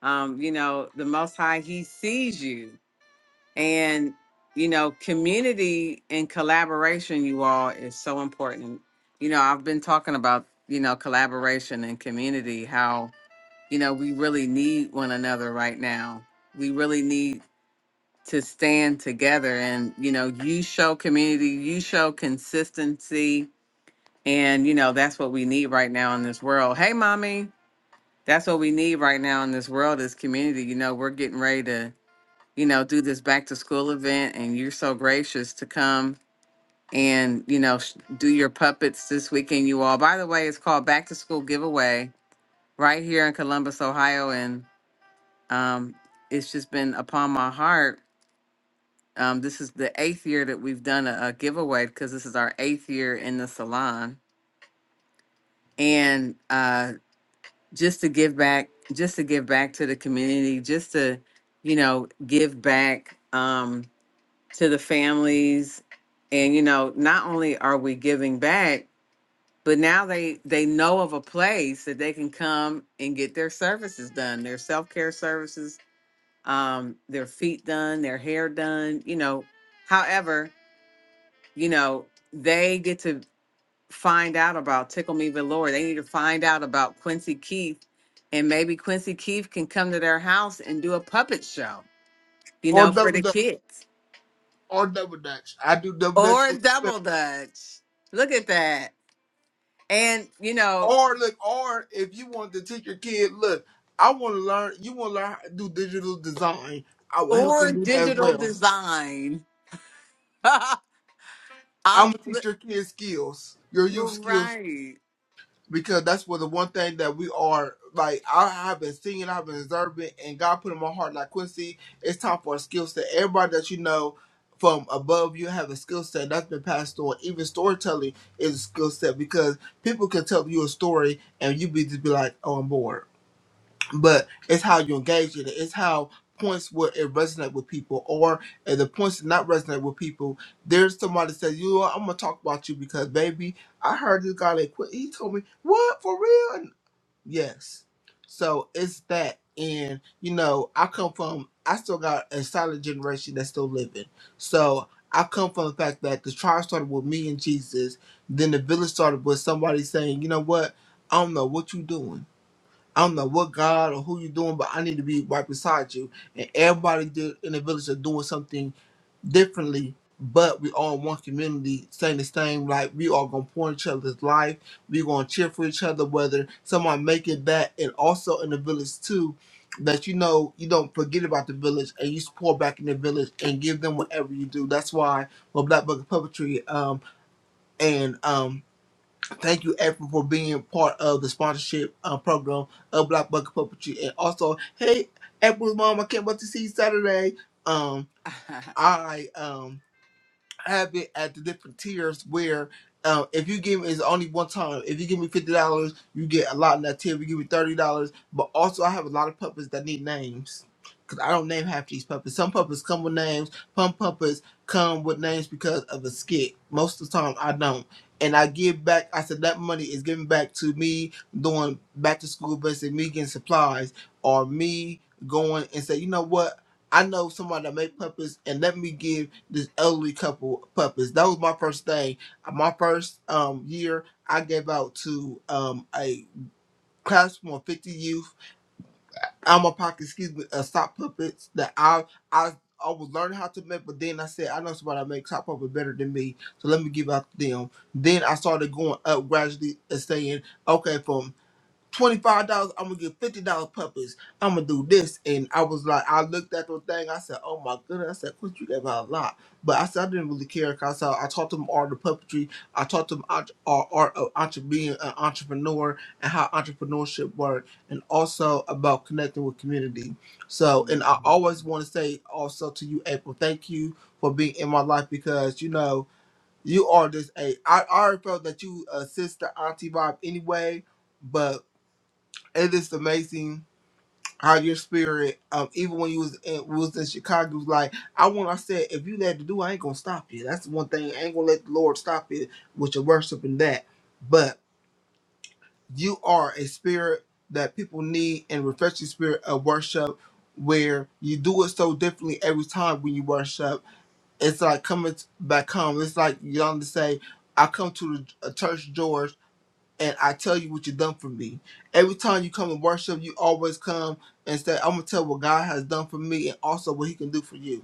A: um, you know, the most high he sees you. And, you know, community and collaboration, you all, is so important. You know, I've been talking about, you know, collaboration and community, how, you know, we really need one another right now we really need to stand together and you know you show community you show consistency and you know that's what we need right now in this world hey mommy that's what we need right now in this world is community you know we're getting ready to you know do this back to school event and you're so gracious to come and you know sh- do your puppets this weekend you all by the way it's called back to school giveaway right here in columbus ohio and um it's just been upon my heart Um, this is the eighth year that we've done a, a giveaway because this is our eighth year in the salon, and uh, just to give back, just to give back to the community, just to, you know, give back um, to the families, and you know, not only are we giving back, but now they they know of a place that they can come and get their services done, their self care services, um, their feet done, their hair done, you know, however. you know, they get to find out about Tickle Me Velour. They need to find out about Quincy Keith. And maybe Quincy Keith can come to their house and do a puppet show, you
B: Or
A: know, for
B: double
A: the
B: dutch,
A: kids.
B: or double dutch. I do double dutch.
A: Or a
B: for
A: double dutch. Look at that. And, you know,
B: Or look, or if you want to teach your kid, look, I want to learn. You want to learn how to do digital design. I will help
A: or
B: them do that as
A: digital
B: well.
A: design.
B: I'm
A: I'm
B: gonna
A: li-
B: teach your kids skills, your
A: you're
B: youth skills,
A: right.
B: because that's what the one thing that we are like. I have been seeing, I've been observing, and God put in my heart like Quincy. It's time for a skill set. Everybody that you know from above you have a skill set that's been passed on. Even storytelling is a skill set because people can tell you a story and you be just be like, oh, I'm bored but it's how you engage it. It's how points where it resonate with people, or if the points did not resonate with people, there's somebody says, "You, know what, I'm gonna talk about you because baby, I heard this guy that quit. He told me what for real." And yes, so it's that, and you know, I come from. I still got a solid generation that's still living, so. I come from the fact that the trial started with me and Jesus. Then the village started with somebody saying, "You know what? I don't know what you doing." I don't know what God or who you're doing, but I need to be right beside you. And everybody do- in the village are doing something differently, but we all in one community saying the same. Like we all gonna pour in each other's life. We gonna cheer for each other, whether someone make it back, and also in the village too. That you know you don't forget about the village and you support back in the village and give them whatever you do. That's why with Black Book of Puppetry um, and um, Thank you, April, for being part of the sponsorship uh, program of Black Bucket Puppetry. And also, hey, April's mom, I can't wait to see you Saturday. Um, all right. Um, have it at the different tiers where uh, if you give me it's only one time. If you give me fifty dollars, you get a lot in that tier. If you give me thirty dollars, but also I have a lot of puppets that need names. Cause I don't name half these puppets. Some puppets come with names. Some puppets come with names because of a skit. Most of the time I don't. And I give back. I said that money is given back to me doing back to school business, and me getting supplies, or me going and say, you know what? I know somebody that make puppets, and let me give this elderly couple puppies. That was my first thing. Uh, My first um year, I gave out to um a classroom of fifty youth. I'm a pocket, excuse me, uh, sock puppets that I I I was learning how to make, but then I said I know somebody that makes sock puppet better than me, so let me give out to them. Then I started going up gradually and saying, okay, from $25, I'm gonna get $50 puppies. I'm gonna do this. And I was like, I looked at the thing, I said, Oh my goodness, I said, Quit, you gave out a lot. But I said, I didn't really care because I, I taught them art of puppetry, I taught them art, art, art of entre- being an entrepreneur and how entrepreneurship worked, and also about connecting with community. So, and I
A: Mhm.
B: always want to say also to you, April, thank you for being in my life because you know, you are just a, I, I already felt that you assist the auntie vibe anyway. but it is amazing how your spirit, um, even when you was in, was in Chicago, was like I want. I said, if you had to do, I ain't gonna stop you. That's one thing. I ain't gonna let the Lord stop you with your worship and that. But you are a spirit that people need and refreshing spirit of worship, where you do it so differently every time when you worship. It's like coming back home. It's like you do know to say, I come to the uh, church door and I tell you what you done for me. Every time you come and worship, you always come and say, I'm gonna tell what God has done for me and also what he can do for you.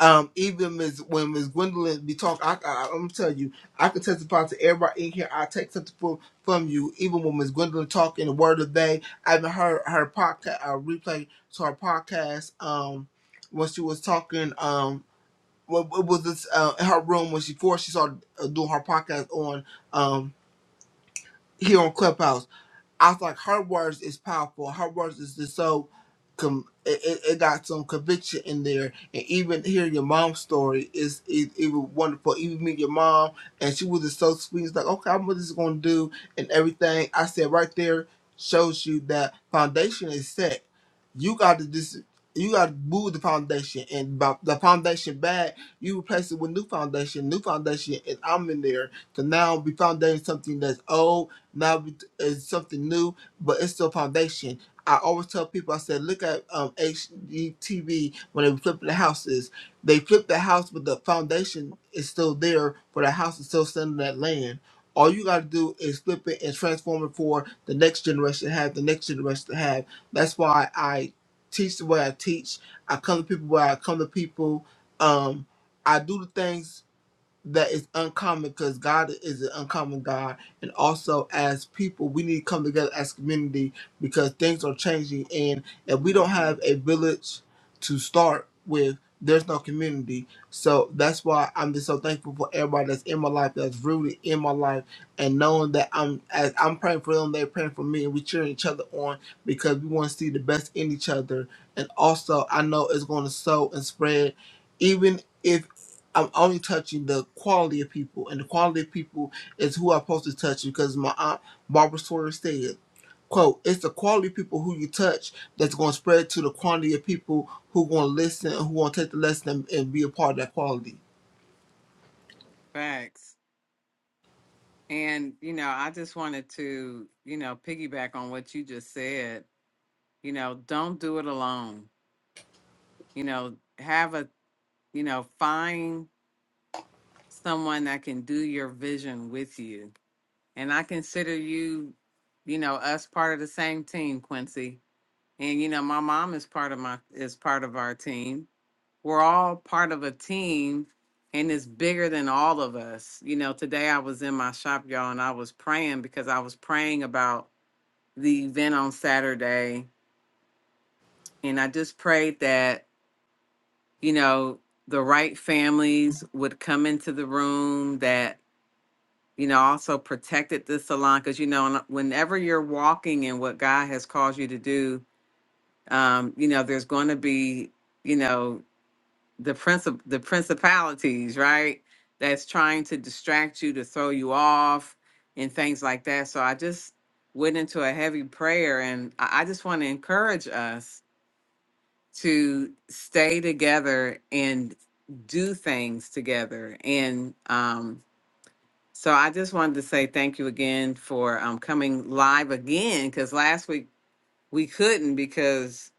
B: Um, even Ms. when Miss Gwendolyn be talking, I, I, I'm gonna tell you, I can testify to everybody in here. I take something from, from you, even when Miss Gwendolyn talking the word of the day. I even heard her podcast, uh, replay to her podcast, um, when she was talking, um, what, what was this, uh, in her room when she, before she started uh, doing her podcast on, um, here on Clubhouse I was like, her words is powerful. Her words is just so, com- it, it it got some conviction in there. And even hearing your mom's story is it, it was wonderful. Even meet your mom, and she was just so sweet. It's like, okay, I'm just gonna do and everything. I said right there shows you that foundation is set. You got to just you got to move the foundation, and by the foundation bad, you replace it with new foundation. New foundation, and I'm in there. So now we foundating something that's old now it's something new, but it's still foundation. I always tell people, I said, look at um, HGTV when they were flipping the houses. They flip the house, but the foundation is still there, but the house is still sitting in that land. All you got to do is flip it and transform it for the next generation to have, the next generation to have. That's why I teach the way I teach. I come to people where I come to people. Um, I do the things that is uncommon because God is an uncommon God. And also, as people, we need to come together as community because things are changing. And if we don't have a village to start with, there's no community. So that's why I'm just so thankful for everybody that's in my life, that's rooted in my life and knowing that I'm as I'm praying for them, they're praying for me, and we cheering each other on because we want to see the best in each other. And also, I know it's going to sow and spread, even if I'm only touching the quality of people, and the quality of people is who I'm supposed to touch because my aunt Barbara Sawyer said. Quote, it's the quality of people who you touch that's going to spread to the quantity of people who going to listen and who going to take the lesson and, and be a part of that quality,
A: Facts. And, you know, I just wanted to, you know, piggyback on what you just said you know don't do it alone you know have a you know find someone that can do your vision with you and i consider you you know us part of the same team quincy and you know my mom is part of my is part of our team we're all part of a team and it's bigger than all of us you know today i was in my shop y'all and i was praying because i was praying about the event on saturday and i just prayed that you know, the right families would come into the room that, you know, also protected the salon. Cause, you know, and uh, whenever you're walking in what God has called you to do, um, you know, there's going to be, you know, the princip- the principalities, right? That's trying to distract you, to throw you off and things like that. So I just went into a heavy prayer and I, I just want to encourage us to stay together and do things together. And um, so I just wanted to say thank you again for um, coming live again because last week we couldn't because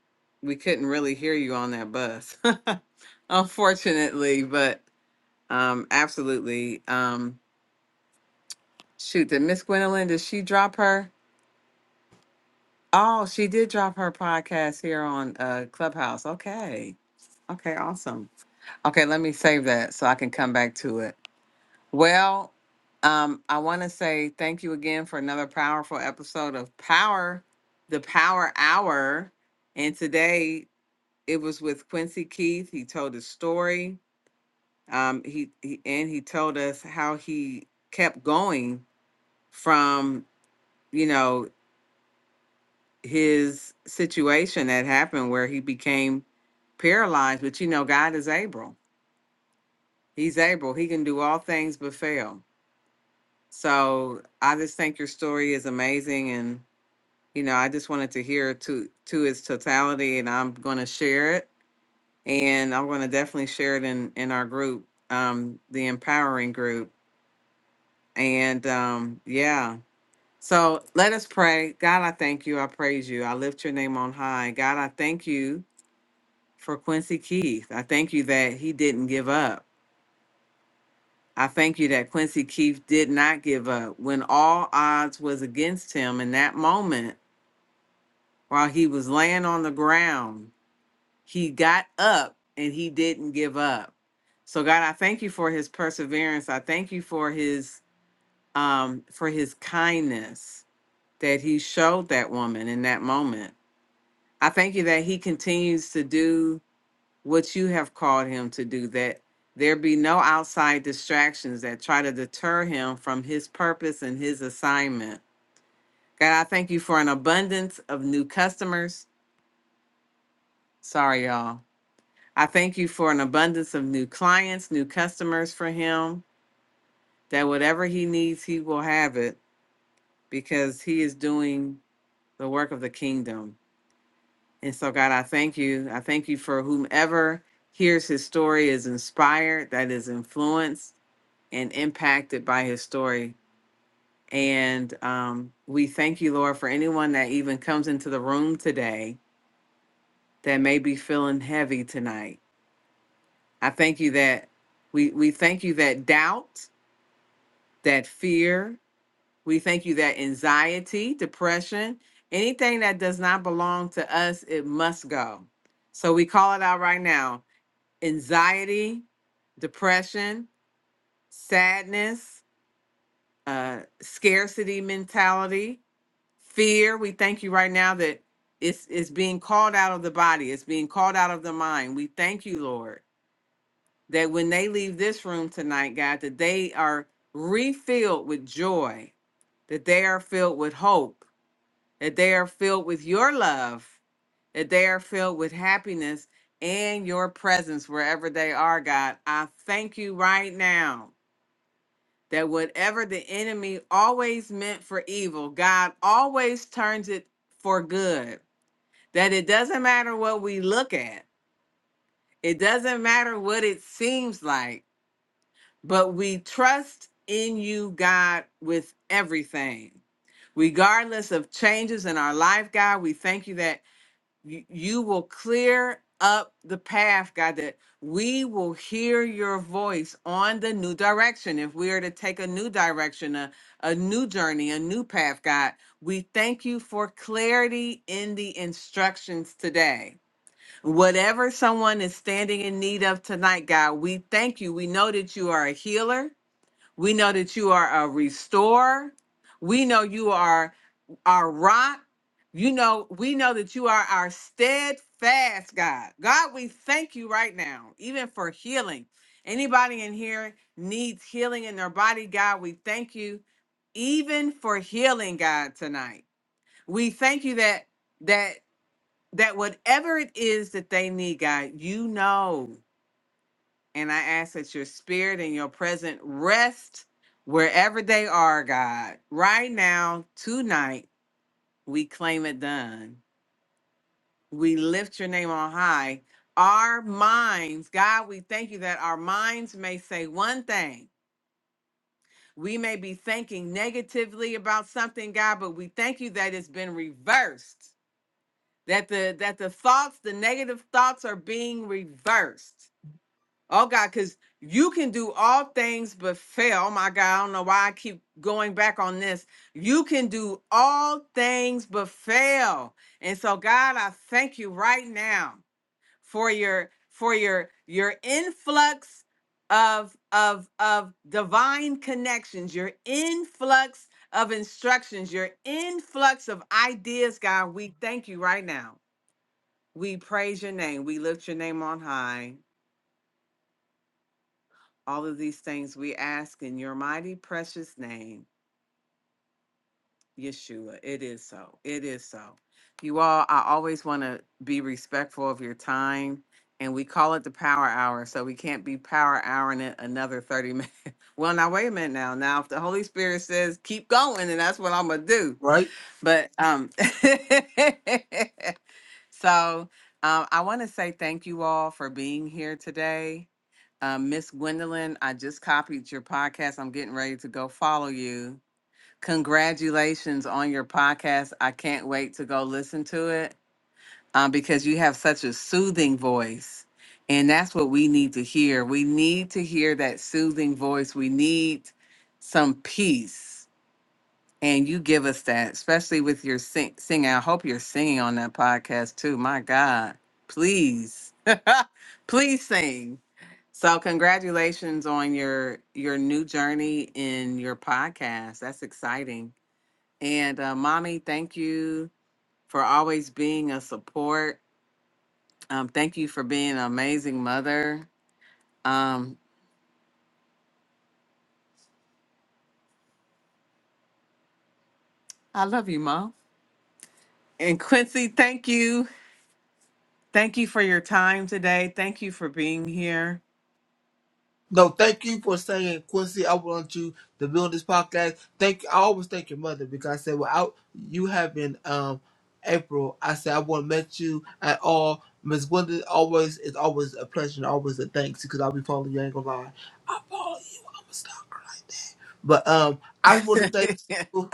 A: we couldn't really hear you on that bus, unfortunately. But um, absolutely. Um, shoot, did Miss Gwendolyn, did she drop her? Oh, she did drop her podcast here on uh, Clubhouse. Okay. Okay, awesome. Okay, let me save that so I can come back to it. Well, um, I want to say thank you again for another powerful episode of Power, the Power Hour. And today it was with Quincy Keith. He told his story. Um, he, he and he told us how he kept going from you know his situation that happened where he became paralyzed. But you know, God is able. He's able. He can do all things but fail. So I just think your story is amazing and you know, I just wanted to hear it to to its totality and I'm gonna share it and I'm gonna definitely share it in in our group, um, the empowering group. And um yeah. So let us pray. God, I thank you. I praise you. I lift your name on high. God, I thank you for Quincy Keith. I thank you that he didn't give up. I thank you that Quincy Keith did not give up when all odds was against him in that moment. While he was laying on the ground, he got up and he didn't give up. So God, I thank you for his perseverance. I thank you for his um for his kindness that he showed that woman in that moment. I thank you that he continues to do what you have called him to do that there be no outside distractions that try to deter him from his purpose and his assignment. God, I thank you for an abundance of new customers. Sorry, y'all I thank you for an abundance of new clients, new customers for him, that whatever he needs, he will have it because he is doing the work of the kingdom. And so, God, I thank you. I thank you for whomever hears his story is inspired, that is influenced and impacted by his story. And um, we thank you, Lord, for anyone that even comes into the room today that may be feeling heavy tonight. I thank you that we, we thank you that doubt that fear. We thank you that anxiety, depression, anything that does not belong to us, it must go. So we call it out right now anxiety, depression, sadness, uh, scarcity mentality, fear. We thank you right now that it's, it's being called out of the body, it's being called out of the mind. We thank you, Lord, that when they leave this room tonight, God, that they are refilled with joy that they are filled with hope, that they are filled with your love, that they are filled with happiness and your presence wherever they are, God. I thank you right now that whatever the enemy always meant for evil, God always turns it for good. That it doesn't matter what we look at, it doesn't matter what it seems like, but we trust in you, God, with everything. regardless of changes in our life, God. We thank you that you, you will clear up the path, God, that we will hear your voice on the new direction. If we are to take a new direction, a, a new journey, a new path, God, we thank you for clarity in the instructions today. Whatever someone is standing in need of tonight, God, we thank you. We know that you are a healer. We know that you are a restorer. We know you are our rock. You know, we know that you are our steadfast God. God, we thank you right now, even for healing. Anybody in here needs healing in their body, God, we thank you even for healing, God, tonight. We thank you that that that whatever it is that they need, God, you know. And I ask that your spirit and your present rest wherever they are, God. Right now, tonight, we claim it done. We lift your name on high. Our minds, God, we thank you that our minds may say one thing. We may be thinking negatively about something, God, but we thank you that it's been reversed. That the that the thoughts, the negative thoughts are being reversed. Oh God, because you can do all things but fail. Oh my God, I don't know why I keep going back on this. You can do all things but fail. And so, God, I thank you right now for your for your your influx of of of divine connections, your influx of instructions, your influx of ideas, God. We thank you right now. We praise your name. We lift your name on high. All of these things we ask in your mighty precious name, Yeshua. It is so. It is so. You all, I always want to be respectful of your time. And we call it the power hour. So we can't be power houring it another 30 minutes. Well, now wait a minute now. Now if the Holy Spirit says keep going, and that's what I'm gonna do.
B: right?
A: But um so um I want to say thank you all for being here today. Uh, Miss Gwendolyn, I just copied your podcast. I'm getting ready to go follow you. Congratulations on your podcast. I can't wait to go listen to it um, because you have such a soothing voice. And that's what we need to hear. We need to hear that soothing voice. We need some peace and you give us that, especially with your sing- singing. I hope you're singing on that podcast too. My God, please, please sing. So, congratulations on your your new journey in your podcast. That's exciting. And uh, mommy, thank you for always being a support. Um, thank you for being an amazing mother. Um, I love you, mom. And Quincy, thank you. Thank you for your time today. Thank you for being here.
B: No, thank you for saying, Quincy. I want you to be on this podcast. Thank I always thank your mother because I said without you having um April, I said I wouldn't met you at all. Miss Gwendolyn always it's always a pleasure and always a thanks because I'll be following you. I ain't gonna lie. I follow you. I'm gonna stop. But um, I just want to thank you.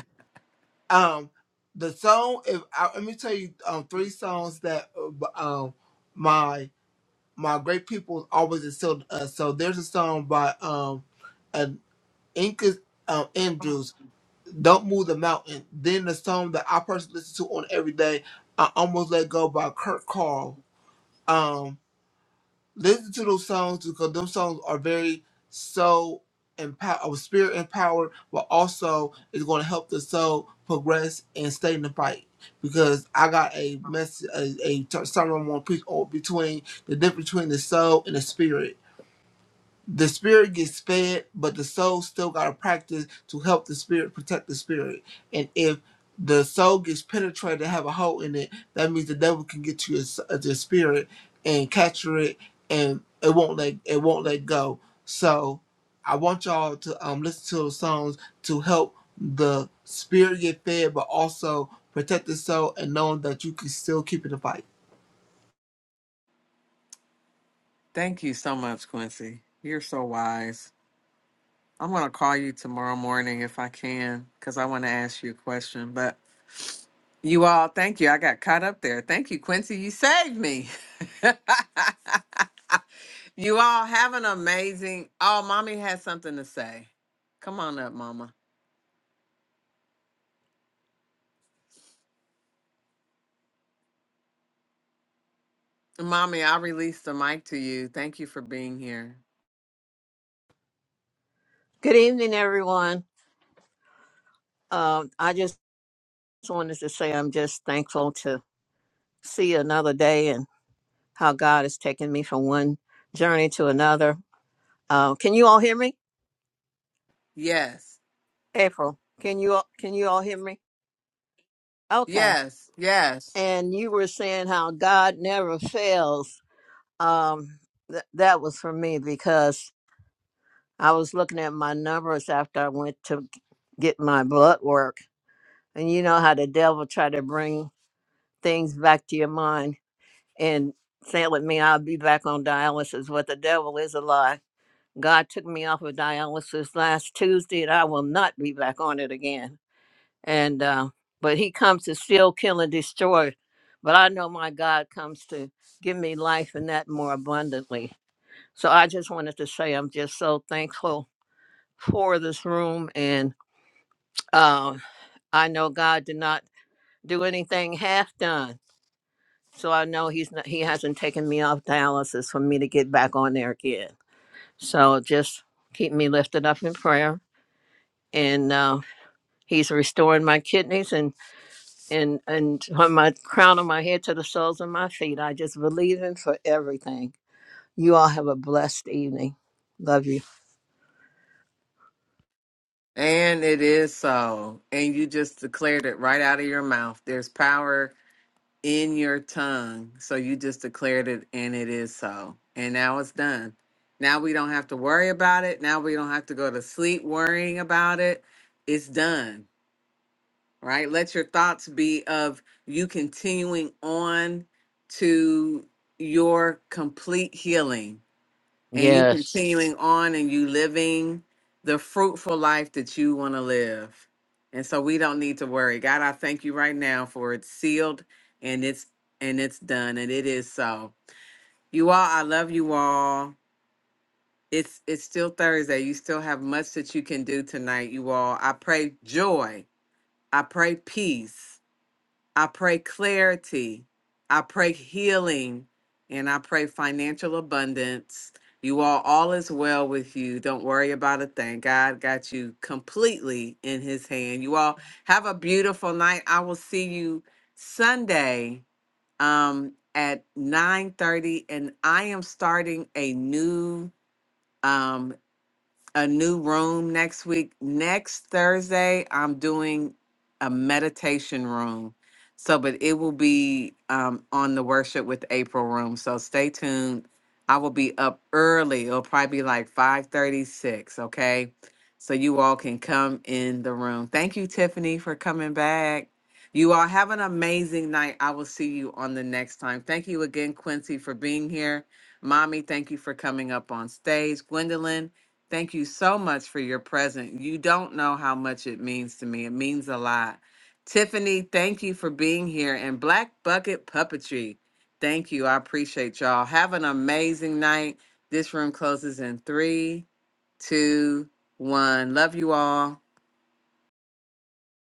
B: Um, the song. If I, let me tell you, um, three songs that uh, um my my great people always instilled us. So there's a song by um. Inca um, Andrews, Don't Move the Mountain. Then the song that I personally listen to on every day, I Almost Let Go by Kurt Carl. Um, listen to those songs because those songs are very soul empowered, spirit empowered, but also it's going to help the soul progress and stay in the fight. Because I got a message, a, a sermon on preach on between the difference between the soul and the spirit the spirit gets fed, but the soul still got to practice to help the spirit protect the spirit. And if the soul gets penetrated and have a hole in it, that means the devil can get to your, s- uh, your spirit and capture it, and it won't let it won't let go. So I want y'all to um, listen to the songs to help the spirit get fed, but also protect the soul and knowing that you can still keep it a fight.
A: Thank you so much, Quincy. You're so wise. I'm going to call you tomorrow morning if I can because I want to ask you a question. But you all, thank you. I got caught up there. Thank you, Quincy. You saved me. you all have an amazing. Oh, mommy has something to say. Come on up, mama. Mommy, I release the mic to you. Thank you for being here.
C: Good evening, everyone. Um, I just wanted to say I'm just thankful to see another day and how God has taken me from one journey to another. Uh, can you all hear me,
A: Yes,
C: April? Can you all, can you all hear me? Okay.
A: yes, yes.
C: And you were saying how God never fails. Um, th- that was for me because I was looking at my numbers after I went to get my blood work, and you know how the devil try to bring things back to your mind and telling me I'll be back on dialysis. What the devil is a lie. God took me off of dialysis last Tuesday, and I will not be back on it again. And uh, but He comes to steal, kill, and destroy. But I know my God comes to give me life and that more abundantly. So I just wanted to say I'm just so thankful for this room, and uh, I know God did not do anything half done. so I know he's not, he hasn't taken me off dialysis for me to get back on there again. So just keep me lifted up in prayer, and uh, he's restoring my kidneys and and and from my crown of my head to the soles of my feet. I just believe him for everything. You all have a blessed evening. Love you.
A: And it is so. And you just declared it right out of your mouth. There's power in your tongue. So you just declared it and it is so. And now it's done. Now we don't have to worry about it. Now we don't have to go to sleep worrying about it. It's done, right? Let your thoughts be of you continuing on to your complete healing and you
C: Yes.
A: continuing on and you living the fruitful life that you want to live. And so we don't need to worry. God, I thank you right now for it's sealed and it's and it's done and it is so. You all, I love you all. It's it's still Thursday. You still have much that you can do tonight, you all. I pray joy. I pray peace. I pray clarity. I pray healing. And I pray financial abundance. You all, all is well with you. Don't worry about a thing. God got you completely in his hand. You all have a beautiful night. I will see you Sunday um, at 9 30, And I am starting a new um a new room next week. Next Thursday, I'm doing a meditation room. So, but it will be um, on the worship with April room. So stay tuned. I will be up early. It'll probably be like 536, okay? So you all can come in the room. Thank you, Tiffany, for coming back. You all have an amazing night. I will see you on the next time. Thank you again, Quincy, for being here. Mommy, thank you for coming up on stage. Gwendolyn, Thank you so much for your present. You don't know how much it means to me. It means a lot. Tiffany, thank you for being here. And Black Bucket Puppetry, thank you. I appreciate y'all. Have an amazing night. This room closes in three, two, one. Love you all.